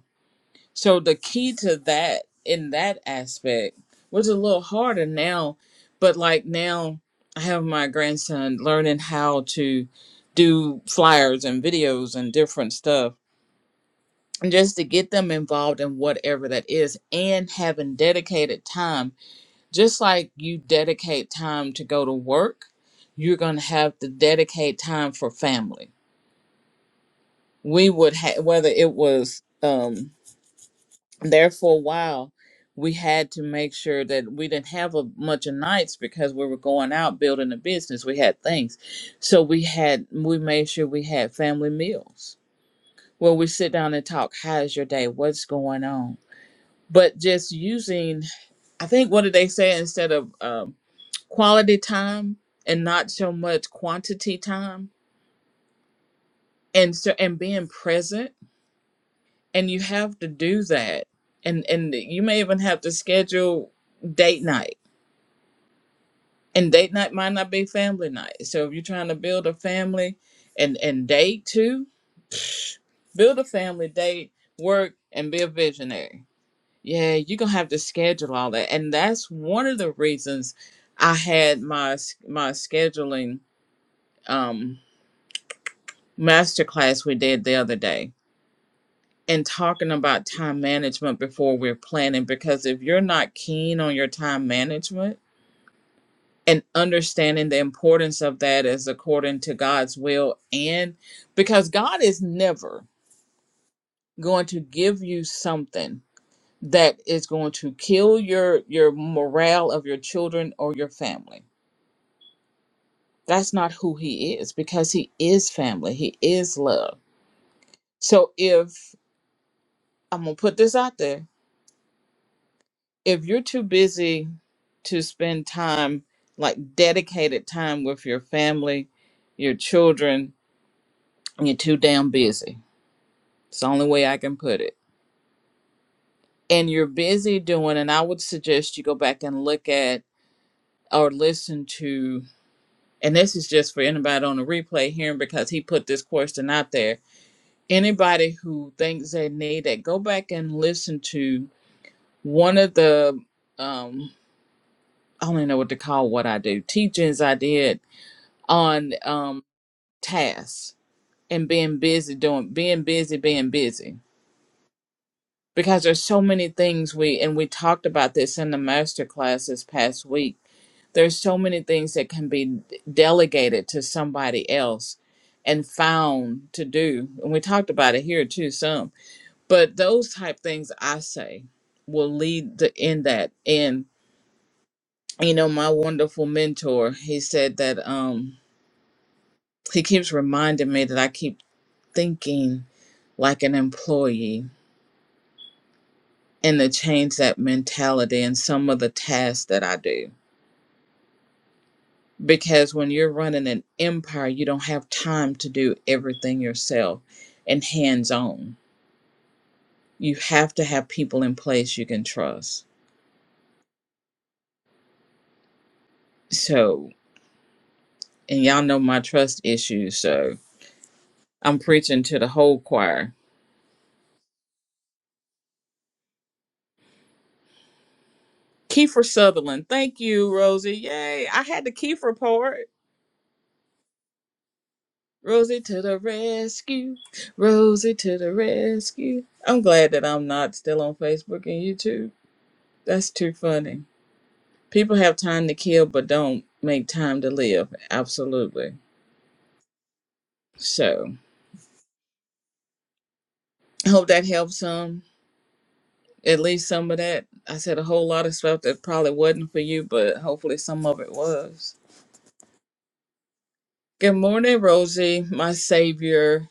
[SPEAKER 1] so the key to that in that aspect was a little harder now, but like now I have my grandson learning how to do flyers and videos and different stuff. And just to get them involved in whatever that is and having dedicated time, just like you dedicate time to go to work, you're going to have to dedicate time for family. We would have, whether it was, um there for a while we had to make sure that we didn't have a bunch of nights because we were going out building a business we had things so we had we made sure we had family meals where we sit down and talk how's your day what's going on but just using i think what did they say instead of um, quality time and not so much quantity time and so and being present and you have to do that and and you may even have to schedule date night and date night might not be family night. So if you're trying to build a family and and date too, build a family, date, work, and be a visionary. Yeah, you're gonna have to schedule all that, and that's one of the reasons I had my s- my scheduling um, masterclass we did the other day and talking about time management before we're planning because if you're not keen on your time management and understanding the importance of that is according to God's will and because God is never going to give you something that is going to kill your your morale of your children or your family. That's not who he is because he is family. He is love. So if I'm going to put this out there, if you're too busy to spend time like dedicated time with your family, your children, and you're too damn busy It's the only way I can put it. And you're busy doing, and I would suggest you go back and look at or listen to, and this is just for anybody on the replay hearing because he put this question out there. Anybody who thinks they need it, go back and listen to one of the, um, I don't even know what to call what I do, teachings I did on um, tasks and being busy doing, being busy, being busy. because there's so many things we and we talked about this in the master class this past week there's so many things that can be delegated to somebody else and found to do and we talked about it here too some but those type things i say will lead to in that and you know my wonderful mentor he said that um he keeps reminding me that i keep thinking like an employee and to change that mentality in some of the tasks that i do because when you're running an empire, you don't have time to do everything yourself and hands on. You have to have people in place you can trust. So, and y'all know my trust issues, so I'm preaching to the whole choir. Kiefer Sutherland, thank you, Rosie. Yay, I had the Kiefer part. Rosie to the rescue, Rosie to the rescue. I'm glad that I'm not still on Facebook and YouTube. That's too funny. people have time to kill but don't make time to live absolutely so i hope that helps some at least some of that i said a whole lot of stuff that probably wasn't for you but hopefully some of it was good morning rosie my savior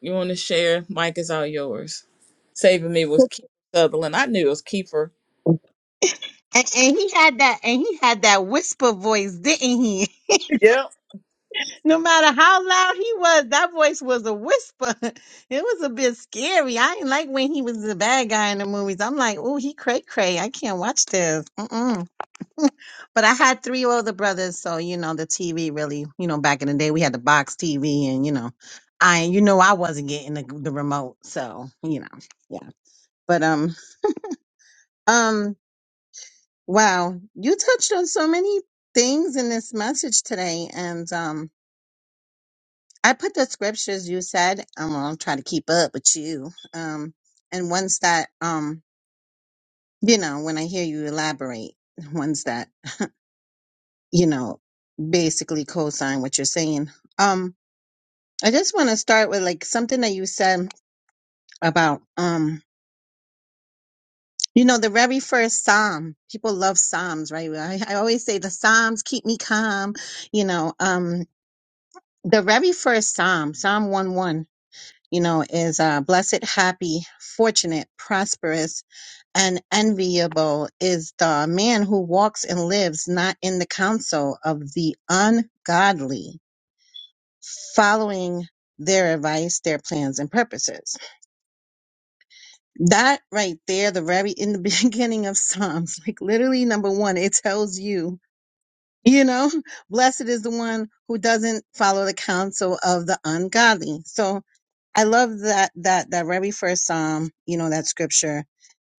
[SPEAKER 1] you want to share mike is all yours saving me was keith sutherland i knew it was kiefer
[SPEAKER 3] And, and he had that, and he had that whisper voice, didn't he? No matter how loud he was, that voice was a whisper. It was a bit scary. I didn't like when he was the bad guy in the movies. I'm like, oh, he cray cray. I can't watch this. Mm-mm. But I had three older brothers, so you know the TV really, you know, back in the day we had the box TV, and you know, I, you know, I wasn't getting the, the remote, so you know, yeah. But um, um. Wow, you touched on so many things in this message today, and um, I put the scriptures you said. I'm gonna try to keep up with you, um, and ones that um, you know, when I hear you elaborate, ones that you know, basically co-sign what you're saying. Um, I just want to start with like something that you said about um. You know, the very first psalm, people love psalms, right? I, I always say the psalms keep me calm, you know, um. the very first psalm psalm 1 1 you know is uh blessed happy fortunate prosperous and enviable is the man who walks and lives not in the counsel of the ungodly following their advice their plans and purposes that right there the very in the beginning of psalms like literally number one it tells you You know, blessed is the one who doesn't follow the counsel of the ungodly. So I love that that that very first psalm, you know, that scripture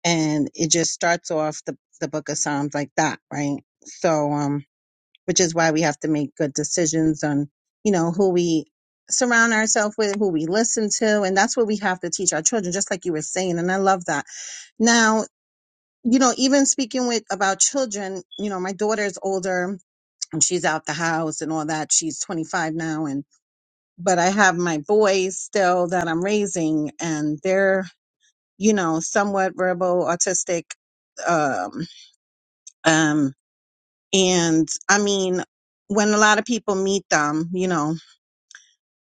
[SPEAKER 3] and it just starts off the the book of Psalms like that, right? So um which is why we have to make good decisions on, you know, who we surround ourselves with, who we listen to, and that's what we have to teach our children just like you were saying and I love that. Now, you know, even speaking with about children, you know, my daughter's older and she's out the house and all that. She's 25 now and but I have my boys still that I'm raising and they're, you know, somewhat verbal autistic um um and I mean when a lot of people meet them, you know,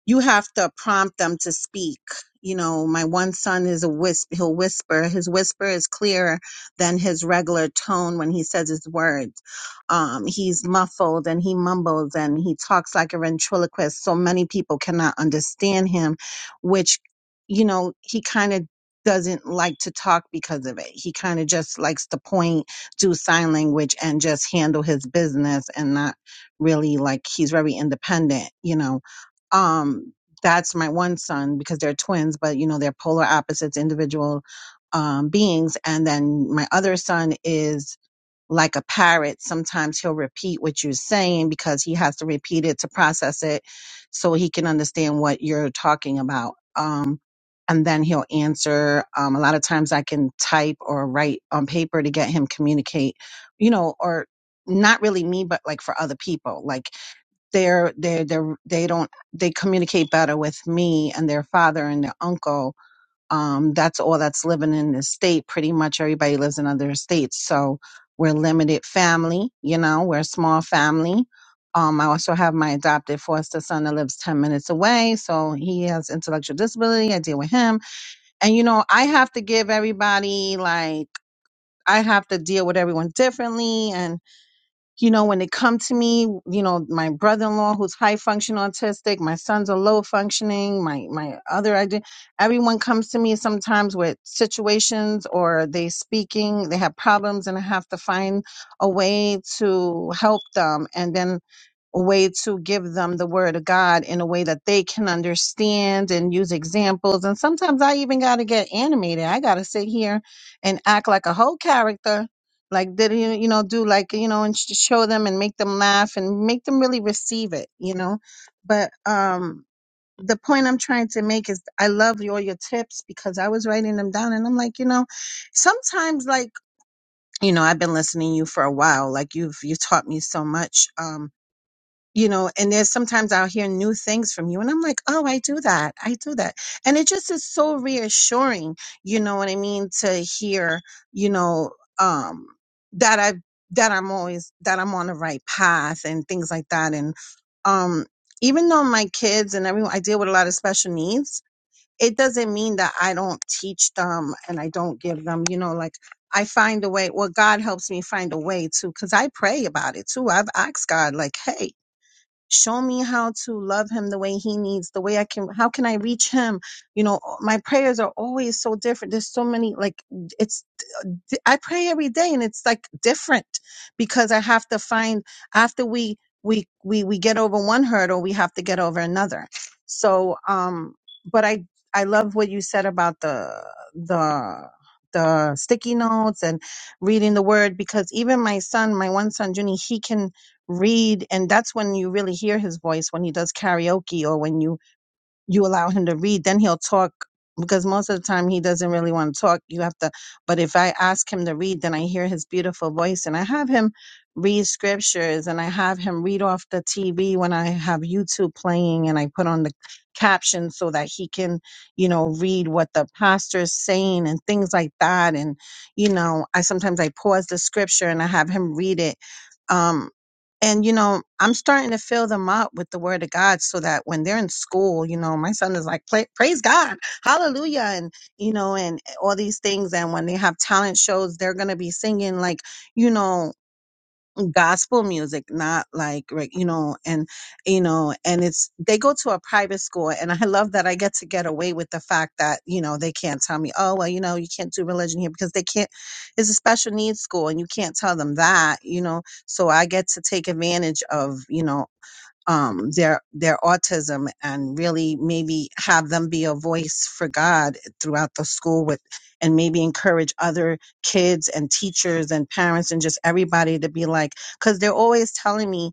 [SPEAKER 3] you have to prompt them to speak. You know, my one son is a wisp. He'll whisper. His whisper is clearer than his regular tone when he says his words. Um, he's muffled and he mumbles and he talks like a ventriloquist. So many people cannot understand him, which, you know, he kind of doesn't like to talk because of it. He kind of just likes to point, do sign language, and just handle his business and not really like he's very independent, you know um that's my one son because they're twins but you know they're polar opposites individual um beings and then my other son is like a parrot sometimes he'll repeat what you're saying because he has to repeat it to process it so he can understand what you're talking about um and then he'll answer um a lot of times i can type or write on paper to get him communicate you know or not really me but like for other people like they're they they're they don't they communicate better with me and their father and their uncle um that's all that's living in the state pretty much everybody lives in other states so we're limited family you know we're a small family um i also have my adopted foster son that lives 10 minutes away so he has intellectual disability i deal with him and you know i have to give everybody like i have to deal with everyone differently and you know, when they come to me, you know, my brother-in-law who's high function autistic, my sons are low functioning, my my other idea, everyone comes to me sometimes with situations or they speaking, they have problems and I have to find a way to help them. And then a way to give them the word of God in a way that they can understand and use examples. And sometimes I even got to get animated. I got to sit here and act like a whole character. Like, did you, you know, do like, you know, and sh- show them and make them laugh and make them really receive it, you know? But, um, the point I'm trying to make is I love all your tips because I was writing them down and I'm like, you know, sometimes like, you know, I've been listening to you for a while. Like you've you've taught me so much. Um you know and there's sometimes i'll hear new things from you and i'm like oh i do that i do that and it just is so reassuring you know what i mean to hear you know um that i that i'm always that i'm on the right path and things like that and um even though my kids and everyone i deal with a lot of special needs it doesn't mean that i don't teach them and i don't give them you know like I find a way. Well, God helps me find a way too, because I pray about it too. I've asked God, like, "Hey, show me how to love him the way he needs the way i can how can i reach him you know my prayers are always so different there's so many like it's. I pray every day and it's like different because I have to find after we we we we get over one hurdle, we have to get over another. So um but I I love what you said about the the the sticky notes and reading the word because even my son, my one son Junie, he can read and that's when you really hear his voice when he does karaoke or when you you allow him to read, then he'll talk because most of the time he doesn't really want to talk. You have to, but if I ask him to read, then I hear his beautiful voice and I have him read scriptures and I have him read off the TV when I have YouTube playing and I put on the captions so that he can, you know, read what the pastor is saying and things like that. And, you know, I sometimes I pause the scripture and I have him read it. Um, and, you know, I'm starting to fill them up with the word of God so that when they're in school, you know, my son is like, "Pla- praise God, hallelujah, and, you know, and all these things. And when they have talent shows, they're going to be singing, like, you know, gospel music, not like reg- you know, and you know, and it's they go to a private school, and I love that I get to get away with the fact that you know they can't tell me, oh well, you know, you can't do religion here because they can't. It's a special needs school, and you can't tell them that, you know. So I get to take advantage of you know um, their their autism and really maybe have them be a voice for God throughout the school with and maybe encourage other kids and teachers and parents and just everybody to be like because they're always telling me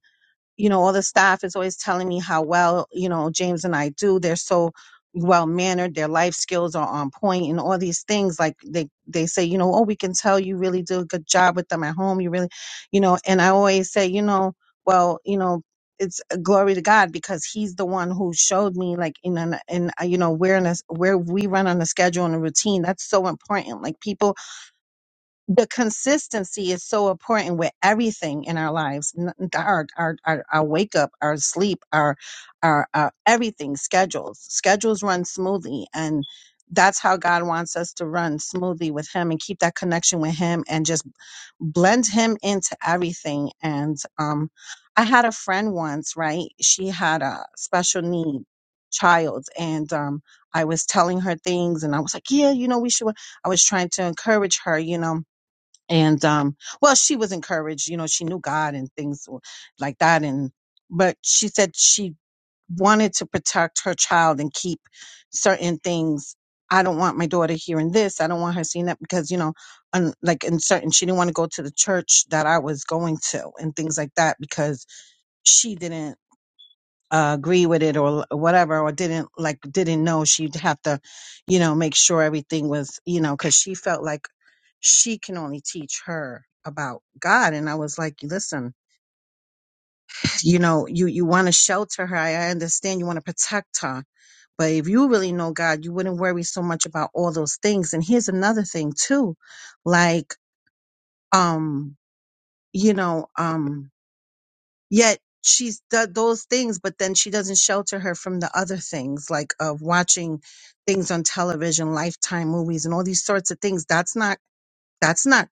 [SPEAKER 3] you know, all the staff is always telling me how well, you know, James and I do. They're so well mannered, their life skills are on point and all these things. Like they they say, you know, oh, we can tell you really do a good job with them at home. You really you know, and I always say, you know, well, you know, it's glory to God because He's the one who showed me, like in an in uh, you know, we're in a where we run on a schedule and a routine. That's so important. Like people the consistency is so important with everything in our lives n- our our our, our wake up our sleep our, our our everything schedules schedules run smoothly and that's how God wants us to run smoothly with him and keep that connection with him and just blend him into everything and um I had a friend once right she had a special need child and um I was telling her things and I was like yeah you know we should I was trying to encourage her you know and um well she was encouraged you know she knew god and things like that and but she said she wanted to protect her child and keep certain things i don't want my daughter hearing this i don't want her seeing that because you know un, like in certain she didn't want to go to the church that i was going to and things like that because she didn't uh, agree with it or whatever or didn't like didn't know she'd have to you know make sure everything was you know because she felt like she can only teach her about god and i was like listen you know you you want to shelter her i I understand you want to protect her but if you really know god you wouldn't worry so much about all those things and here's another thing too like um you know um yet she's th- those things but then she doesn't shelter her from the other things like of watching things on television lifetime movies and all these sorts of things that's not that's not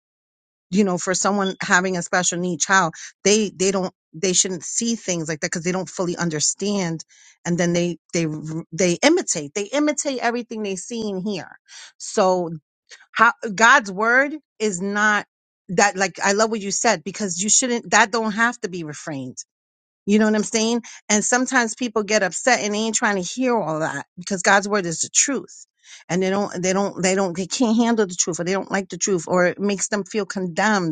[SPEAKER 3] you know for someone having a special need child they they don't they shouldn't see things like that because they don't fully understand and then they they they imitate they imitate everything they see and hear so how god's word is not that like i love what you said because you shouldn't that don't have to be refrained you know what I'm saying? And sometimes people get upset and they ain't trying to hear all that because God's word is the truth. And they don't, they don't, they don't, they can't handle the truth or they don't like the truth or it makes them feel condemned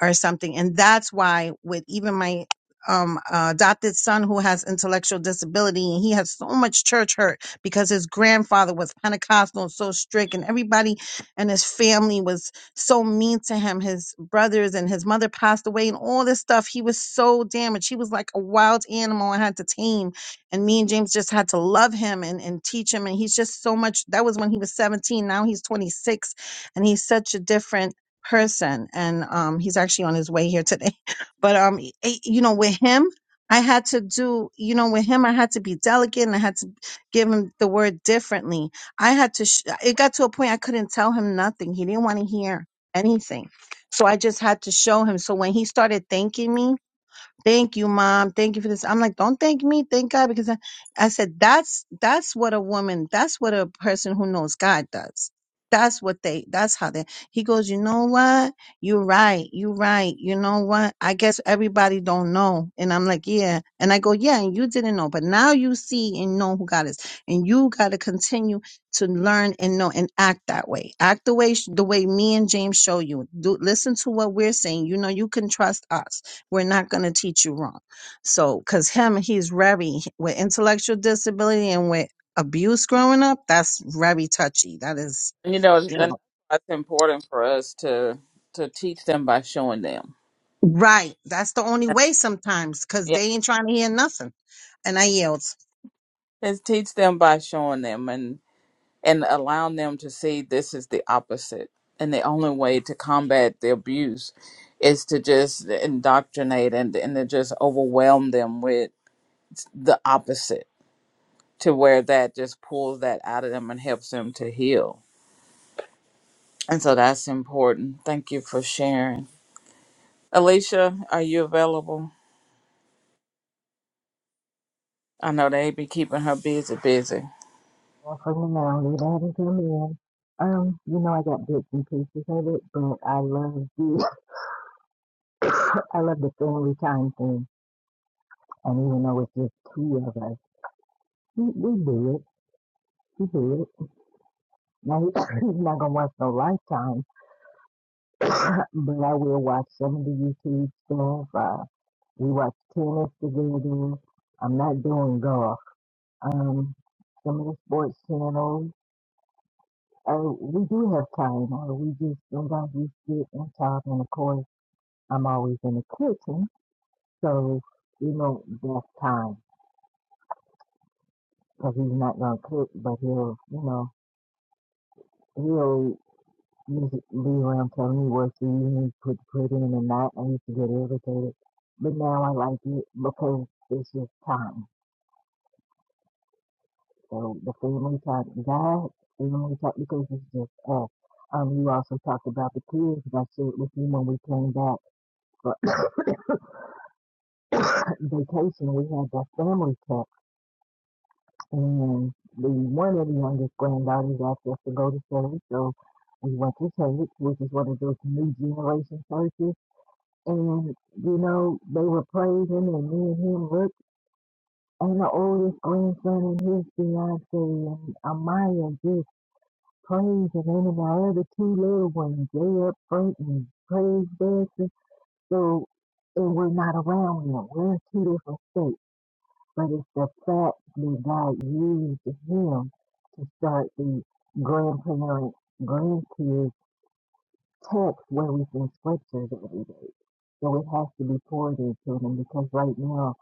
[SPEAKER 3] or something. And that's why with even my um uh, adopted son who has intellectual disability and he has so much church hurt because his grandfather was Pentecostal and so strict and everybody and his family was so mean to him his brothers and his mother passed away and all this stuff he was so damaged he was like a wild animal I had to tame and me and James just had to love him and and teach him and he's just so much that was when he was 17 now he's 26 and he's such a different person and um he's actually on his way here today but um e- e- you know with him i had to do you know with him i had to be delicate and i had to give him the word differently i had to sh- it got to a point i couldn't tell him nothing he didn't want to hear anything so i just had to show him so when he started thanking me Thank you, mom. Thank you for this. I'm like, don't thank me. Thank God. Because I, I said, that's, that's what a woman, that's what a person who knows God does. That's what they, that's how they, he goes, you know what? You're right. You're right. You know what? I guess everybody don't know. And I'm like, yeah. And I go, yeah. And you didn't know, but now you see and know who God is. And you got to continue to learn and know and act that way. Act the way, the way me and James show you. Do, listen to what we're saying. You know, you can trust us we're not going to teach you wrong. So, because him, he's very, with intellectual disability and with abuse growing up, that's very touchy. That is,
[SPEAKER 1] you know and
[SPEAKER 3] you know,
[SPEAKER 1] that's why it's important for us to to teach them by showing them
[SPEAKER 3] right. That's the only
[SPEAKER 1] and
[SPEAKER 3] way sometimes because
[SPEAKER 1] yeah
[SPEAKER 3] they ain't trying to hear nothing. And I yield.
[SPEAKER 1] it's teach them by showing them and. and allowing them to see this is the opposite. And the only way to combat the abuse is to just indoctrinate and, and to just overwhelm them with the opposite to where that just pulls that out of them and helps them to heal. And so that's important. Thank you for sharing. Alicia, are you available? I know they be keeping her busy, busy.
[SPEAKER 4] Well, for me, I don't need added him in. Um, you know, I got bits and pieces of it, but I love the I love the family time thing. And even though it's just two of us, he, we do it. We do it. Now he, he's not gonna watch no Lifetime, but I will watch some of the YouTube stuff. Uh, we watch tennis together. I'm not doing golf. Um, some of the sports channels. Uh, we do have time, or we just sometimes we sit and talk, and of course. I'm always in the kitchen, so you know that's time because he's not gonna cook, but he'll you know he'll usually be around telling me what you need to put put in and not. I used to get irritated, but now I like it because it's just time. So the family time, God, family time because it's just us. Um, you also talked about the kids. and I shared with you when we came back for vacation. We had that family time. And the one of the youngest granddaughters asked us to go to church, so we went to church, which is one of those new generation churches. And you know, they were praising, and me and him looked, and the oldest grandson and his fiance and Amaya just praising, and then our other two little ones, they up front and praise dancing. So, and we're not around them. We're in two different states but it's the platform that God used him to start the grandparent grandkids text where we send scriptures every day. So it has to be poured into them because right now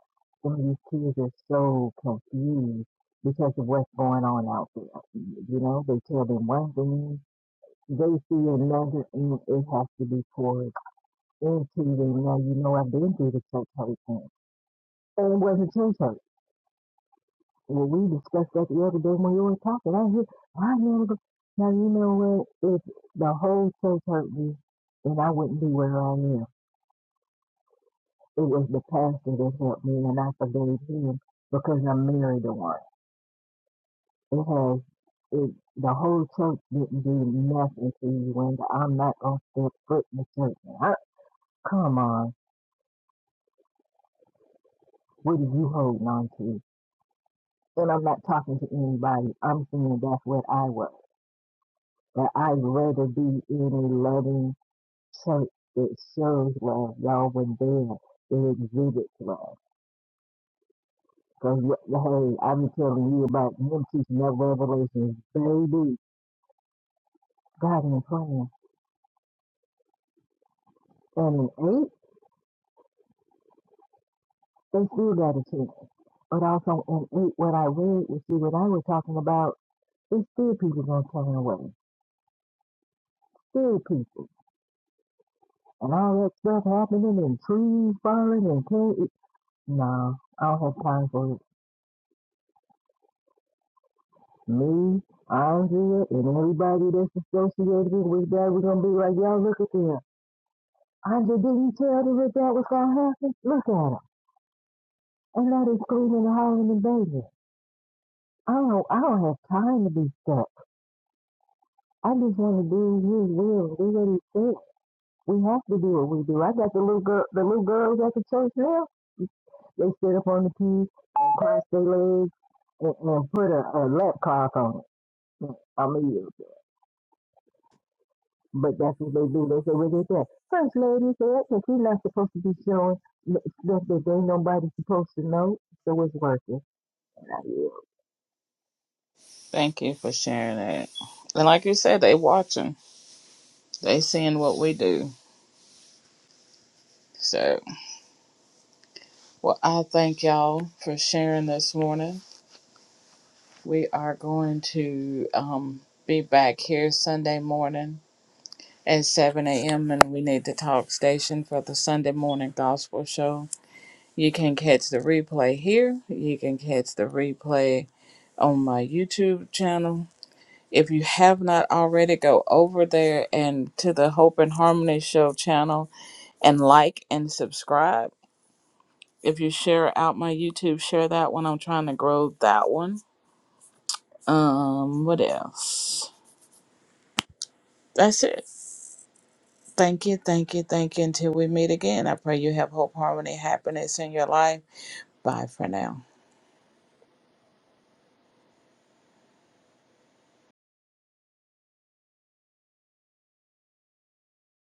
[SPEAKER 4] some of these kids are so confused because of what's going on out there. You know, they tell them one thing, they see another, and it has to be poured into them. Now you know I've been through the church hurt thing. And it wasn't church hurt. Well, we discussed that the other day when you were talking. I hear, I hear. the- Now you know what? If the whole church hurt me, then I wouldn't be where I am. It was the pastor that helped me, and I forgave him because I'm married to one. It has. It, the whole church didn't do nothing to you, and I'm not gonna step foot in the church. I, come on, what are you holding on to? And I'm not talking to anybody. I'm saying that's what I was. That I'd rather be in a loving So it shows love, y'all. When they they exhibit love. Cause hey, I'm telling you about them teaching that revelation, baby. God in plan. And in eight, they still got a chance. But also in eight, what I read, you see, what I was talking about, it's still people gonna turn away. Still people, and all that stuff happening, and trees falling, and can't. No, I don't have time for it. me out here and everybody that's associated with that, we're gonna be like, y'all look at them. Andre, didn't you tell them that that was gonna happen? Look at them. And now they screaming and hollering and baby. I don't I don't have time to be stuck. I just wanna do his will, do what he said. We have to do what we do. I got the little girl the little girls at the church now. They sit up on the pew and cross their legs and, and put a, a lap clock on it. I mean But that's what they do. They say, well, they say, First Lady said that she's not supposed to be showing stuff that they nobody supposed to know, so it's working. And I, yeah.
[SPEAKER 1] Thank you for sharing that. And like you said, they watching. They seeing what we do. So. Well, I thank y'all for sharing this morning. We are going to um, be back here Sunday morning at 7 a.m. and we need to talk station for the Sunday morning gospel show. You can catch the replay here. You can catch the replay on my YouTube channel. If you have not already, go over there and to the Hope and Harmony Show channel and like and subscribe. If you share out my YouTube, share that one. I'm trying to grow that one Um, what else? That's it. Thank you, thank you, thank you. Until we meet again, I pray you have hope, harmony, happiness in your life. Bye for now.